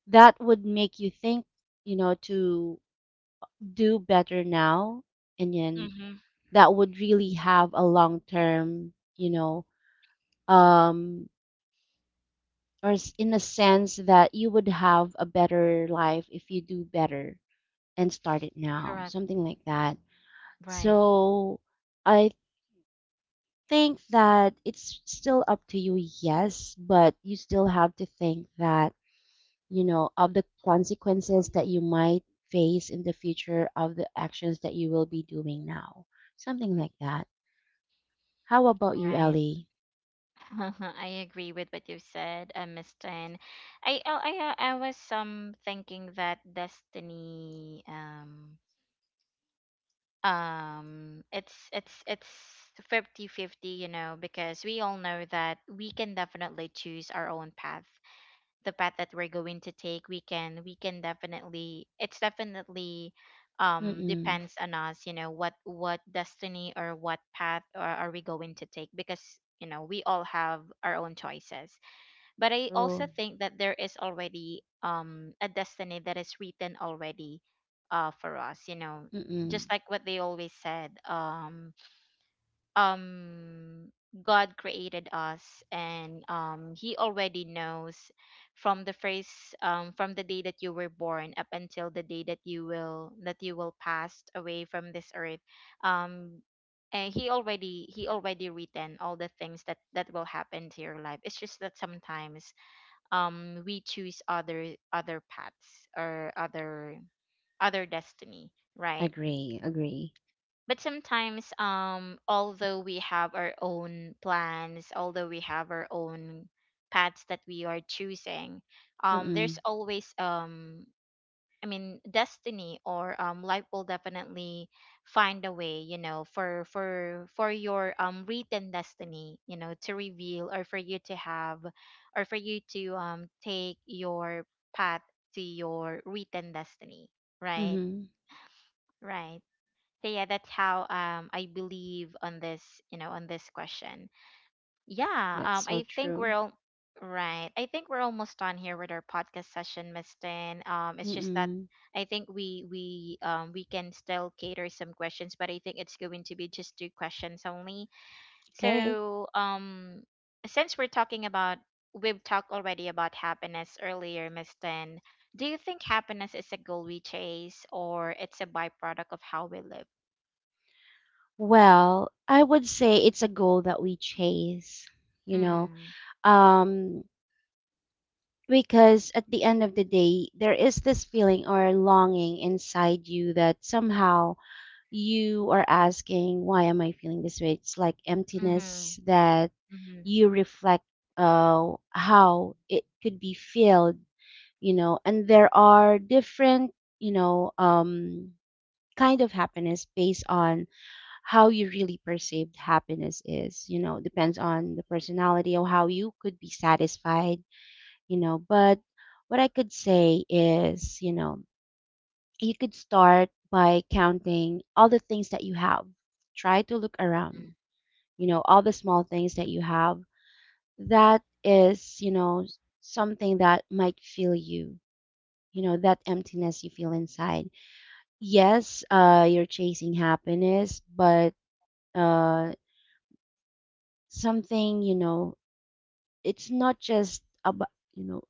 Speaker 2: that would make you think, to do better now, and then
Speaker 1: mm-hmm,
Speaker 2: that would really have a long term, um, in a sense that you would have a better life if you do better and start it now,
Speaker 1: correct.
Speaker 2: something like that.
Speaker 1: Right.
Speaker 2: So I think that it's still up to you, yes, but you still have to think that, of the consequences that you might face in the future of the actions that you will be doing now. Something like that. How about you,
Speaker 1: Right.
Speaker 2: Ellie?
Speaker 1: I agree with what you said, Miss Tan. I oh, I was thinking that destiny it's 50-50, you know, because we all know that we can definitely choose our own path, the path that we're going to take. We can definitely It's definitely,
Speaker 2: Mm-mm.
Speaker 1: depends on us, you know, what destiny or what path are we going to take. Because you know, we all have our own choices, but I also
Speaker 2: True.
Speaker 1: think that there is already a destiny that is written already for us, you know.
Speaker 2: Mm-mm.
Speaker 1: Just like what they always said, um God created us, and he already knows from the first, from the day that you were born up until the day that you will pass away from this earth. Um and he already written all the things that will happen to your life. It's just that sometimes, we choose other paths or other destiny, right?
Speaker 2: Agree, agree.
Speaker 1: But sometimes, although we have our own plans, although we have our own paths that we are choosing, there's
Speaker 2: Mm-mm.
Speaker 1: always, I mean, destiny, or life will definitely find a way, you know, for your written destiny, you know, to reveal, or for you to have, or for you to take your path to your written destiny, right?
Speaker 2: Mm-hmm.
Speaker 1: Right? So yeah, that's how, I believe on this, you know, on this question. Yeah,
Speaker 2: That's so
Speaker 1: I think we're
Speaker 2: true.
Speaker 1: all right. I think we're almost done here with our podcast session, Miss Tin. It's just that
Speaker 2: Mm-mm.
Speaker 1: I think we can still cater some questions, but I think it's going to be just two questions only.
Speaker 2: Okay.
Speaker 1: So, since we're talking about we've talked already about happiness earlier, Miss Tin. Do you think happiness is a goal we chase, or it's a byproduct of how we live?
Speaker 2: Well, I would say it's a goal that we chase, you know.
Speaker 1: Mm.
Speaker 2: Um, because at the end of the day, there is this feeling or longing inside you that somehow you are asking, why am I feeling this way? It's like
Speaker 1: Mm-hmm.
Speaker 2: emptiness that
Speaker 1: Mm-hmm.
Speaker 2: you reflect, how it could be filled, and there are different, you know um kind of happiness based on how you really perceived happiness is, depends on the personality or how you could be satisfied, but what I could say is, you could start by counting all the things that you have. Try to look around, all the small things that you have. That is, something that might fill you, that emptiness you feel inside. Yes, you're chasing happiness, but uh, something, you know, it's not just about, you know,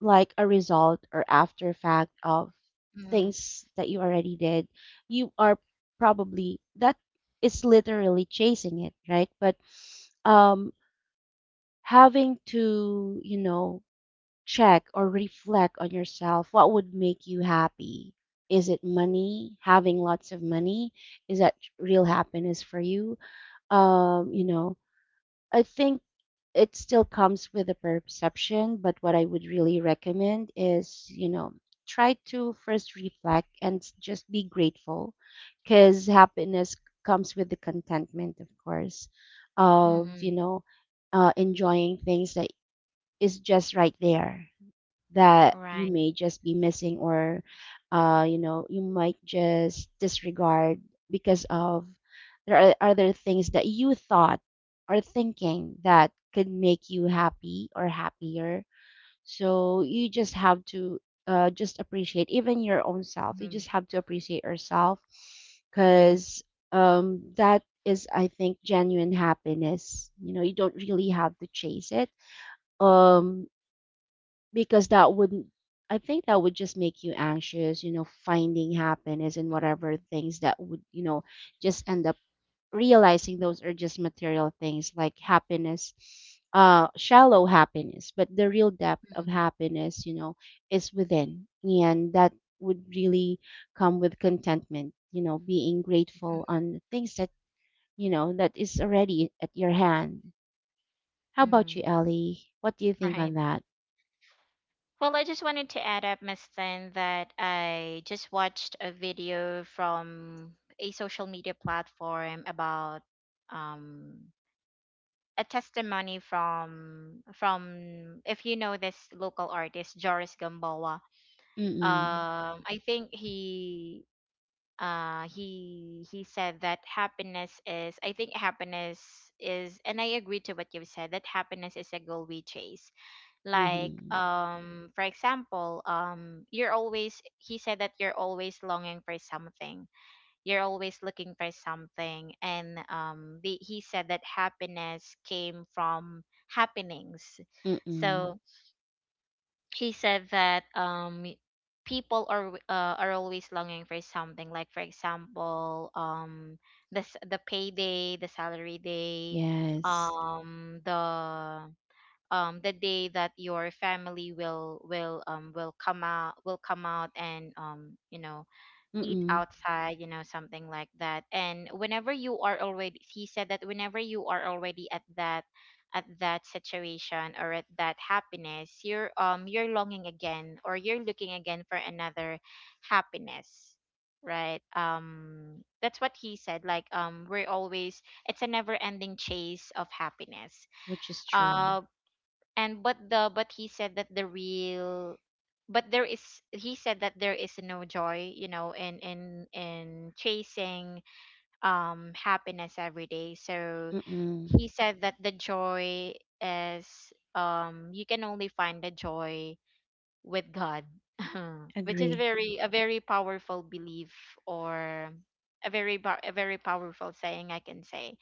Speaker 2: like a result or after fact of
Speaker 1: Mm-hmm.
Speaker 2: things that you already did. You are probably that is literally chasing it, right? But um, having to, check or reflect on yourself, what would make you happy? Is it money? Having lots of money? Is that real happiness for you? Um, you know, I think it still comes with a perception, but what I would really recommend is, try to first reflect and just be grateful, because happiness comes with the contentment, of course, of,
Speaker 1: Mm-hmm.
Speaker 2: enjoying things that is just right there, that you
Speaker 1: Right.
Speaker 2: may just be missing or you might just disregard because of, there are other things that you thought or thinking that could make you happy or happier. So you just have to just appreciate even your own self. You
Speaker 1: Mhm,
Speaker 2: just have to appreciate yourself,
Speaker 1: mhm,
Speaker 2: because that is, I think, genuine happiness. You don't really have to chase it, um because that would, I think, that would just make you anxious, finding happiness in whatever things that would, just end up realizing those are just material things, like happiness, shallow happiness. But the real depth
Speaker 1: mhm,
Speaker 2: of happiness, is within, and that would really come with contentment, being grateful
Speaker 1: mhm,
Speaker 2: on the things that, that is already at your hand. How about you,
Speaker 1: mhm.
Speaker 2: Ellie? What do you think
Speaker 1: Right.
Speaker 2: on that?
Speaker 1: Well, I just wanted to add up, Miss Tan, that I just watched a video from a social media platform about, um, a testimony from — if you know this local artist, Joris Gamboa.
Speaker 2: Mm-mm.
Speaker 1: I think he said that happiness is — I think happiness is, and I agree to what you've said, that happiness is a goal we chase. Like,
Speaker 2: Mm-hmm.
Speaker 1: for example, you're always he said that you're always longing for something, you're always looking for something. And he said that happiness came from happenings.
Speaker 2: Mm-mm.
Speaker 1: So he said that, people are, are always longing for something, like for example, the payday, the salary day,
Speaker 2: Yes.
Speaker 1: the, the day that your family will come out, and you know, eat
Speaker 2: Mm-mm.
Speaker 1: outside, you know, something like that. And whenever you are already he said that whenever you are already at that, situation, or at that happiness, you're longing again, or you're looking again for another happiness, right? That's what he said. Like, we're always it's a never ending chase of happiness.
Speaker 2: Which is true.
Speaker 1: uh and but the but he said that the real — but there is he said that there is no joy, you know, in chasing, happiness every day. So
Speaker 2: Mm-mm.
Speaker 1: he said that the joy is, you can only find the joy with God. Which is
Speaker 2: Agree.
Speaker 1: very a very powerful belief, or a a very powerful saying, I can say.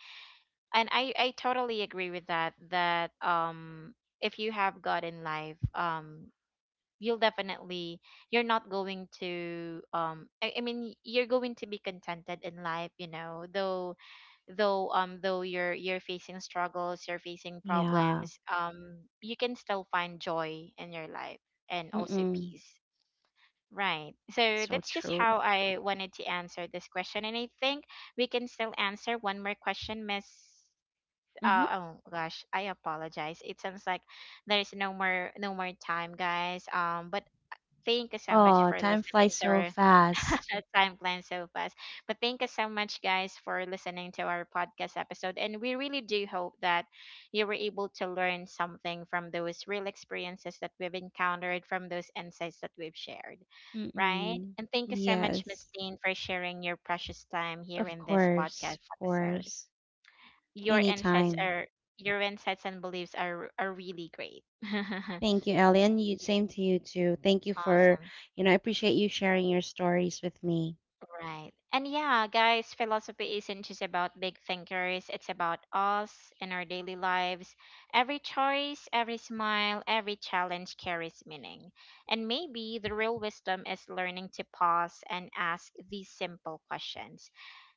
Speaker 1: And I totally agree with that, that if you have God in life, you'll definitely — you're not going to I mean, you're going to be contented in life, you know, though you're facing struggles, you're facing
Speaker 2: Yeah.
Speaker 1: problems, you can still find joy in your life, and also
Speaker 2: Mm-mm.
Speaker 1: peace, right? So
Speaker 2: So
Speaker 1: that's just
Speaker 2: true.
Speaker 1: how I wanted to answer this question, and I think we can still answer one more question, Miss —
Speaker 2: Mm-hmm.
Speaker 1: oh gosh, I apologize. It sounds like there's no more time, guys. But thank you so much
Speaker 2: Oh,
Speaker 1: for
Speaker 2: time
Speaker 1: listening
Speaker 2: flies
Speaker 1: to
Speaker 2: so
Speaker 1: our —
Speaker 2: fast.
Speaker 1: time plan so fast. But thank you so much, guys, for listening to our podcast episode. And we really do hope that you were able to learn something from those real experiences that we've encountered, from those insights that we've shared, right?
Speaker 2: Mm-mm.
Speaker 1: And thank you so much, Miss
Speaker 2: Yes.
Speaker 1: Dean, for sharing your precious time here
Speaker 2: Of
Speaker 1: in this podcast
Speaker 2: course. Of
Speaker 1: episode.
Speaker 2: course.
Speaker 1: your insights
Speaker 2: Anytime.
Speaker 1: are your insights and beliefs are really great.
Speaker 2: Thank you, Ellie. And you, same to you too. Thank you for,
Speaker 1: Awesome.
Speaker 2: I appreciate you sharing your stories with me.
Speaker 1: Right. And yeah, guys, philosophy isn't just about big thinkers, it's about us in our daily lives. Every choice, every smile, every challenge carries meaning. And maybe the real wisdom is learning to pause and ask these simple questions.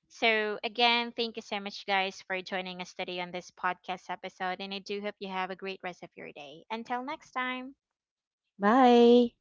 Speaker 1: So, again, thank you so much, guys, for joining us today on this podcast episode. And I do hope you have a great rest of your day. Until next time.
Speaker 2: Bye.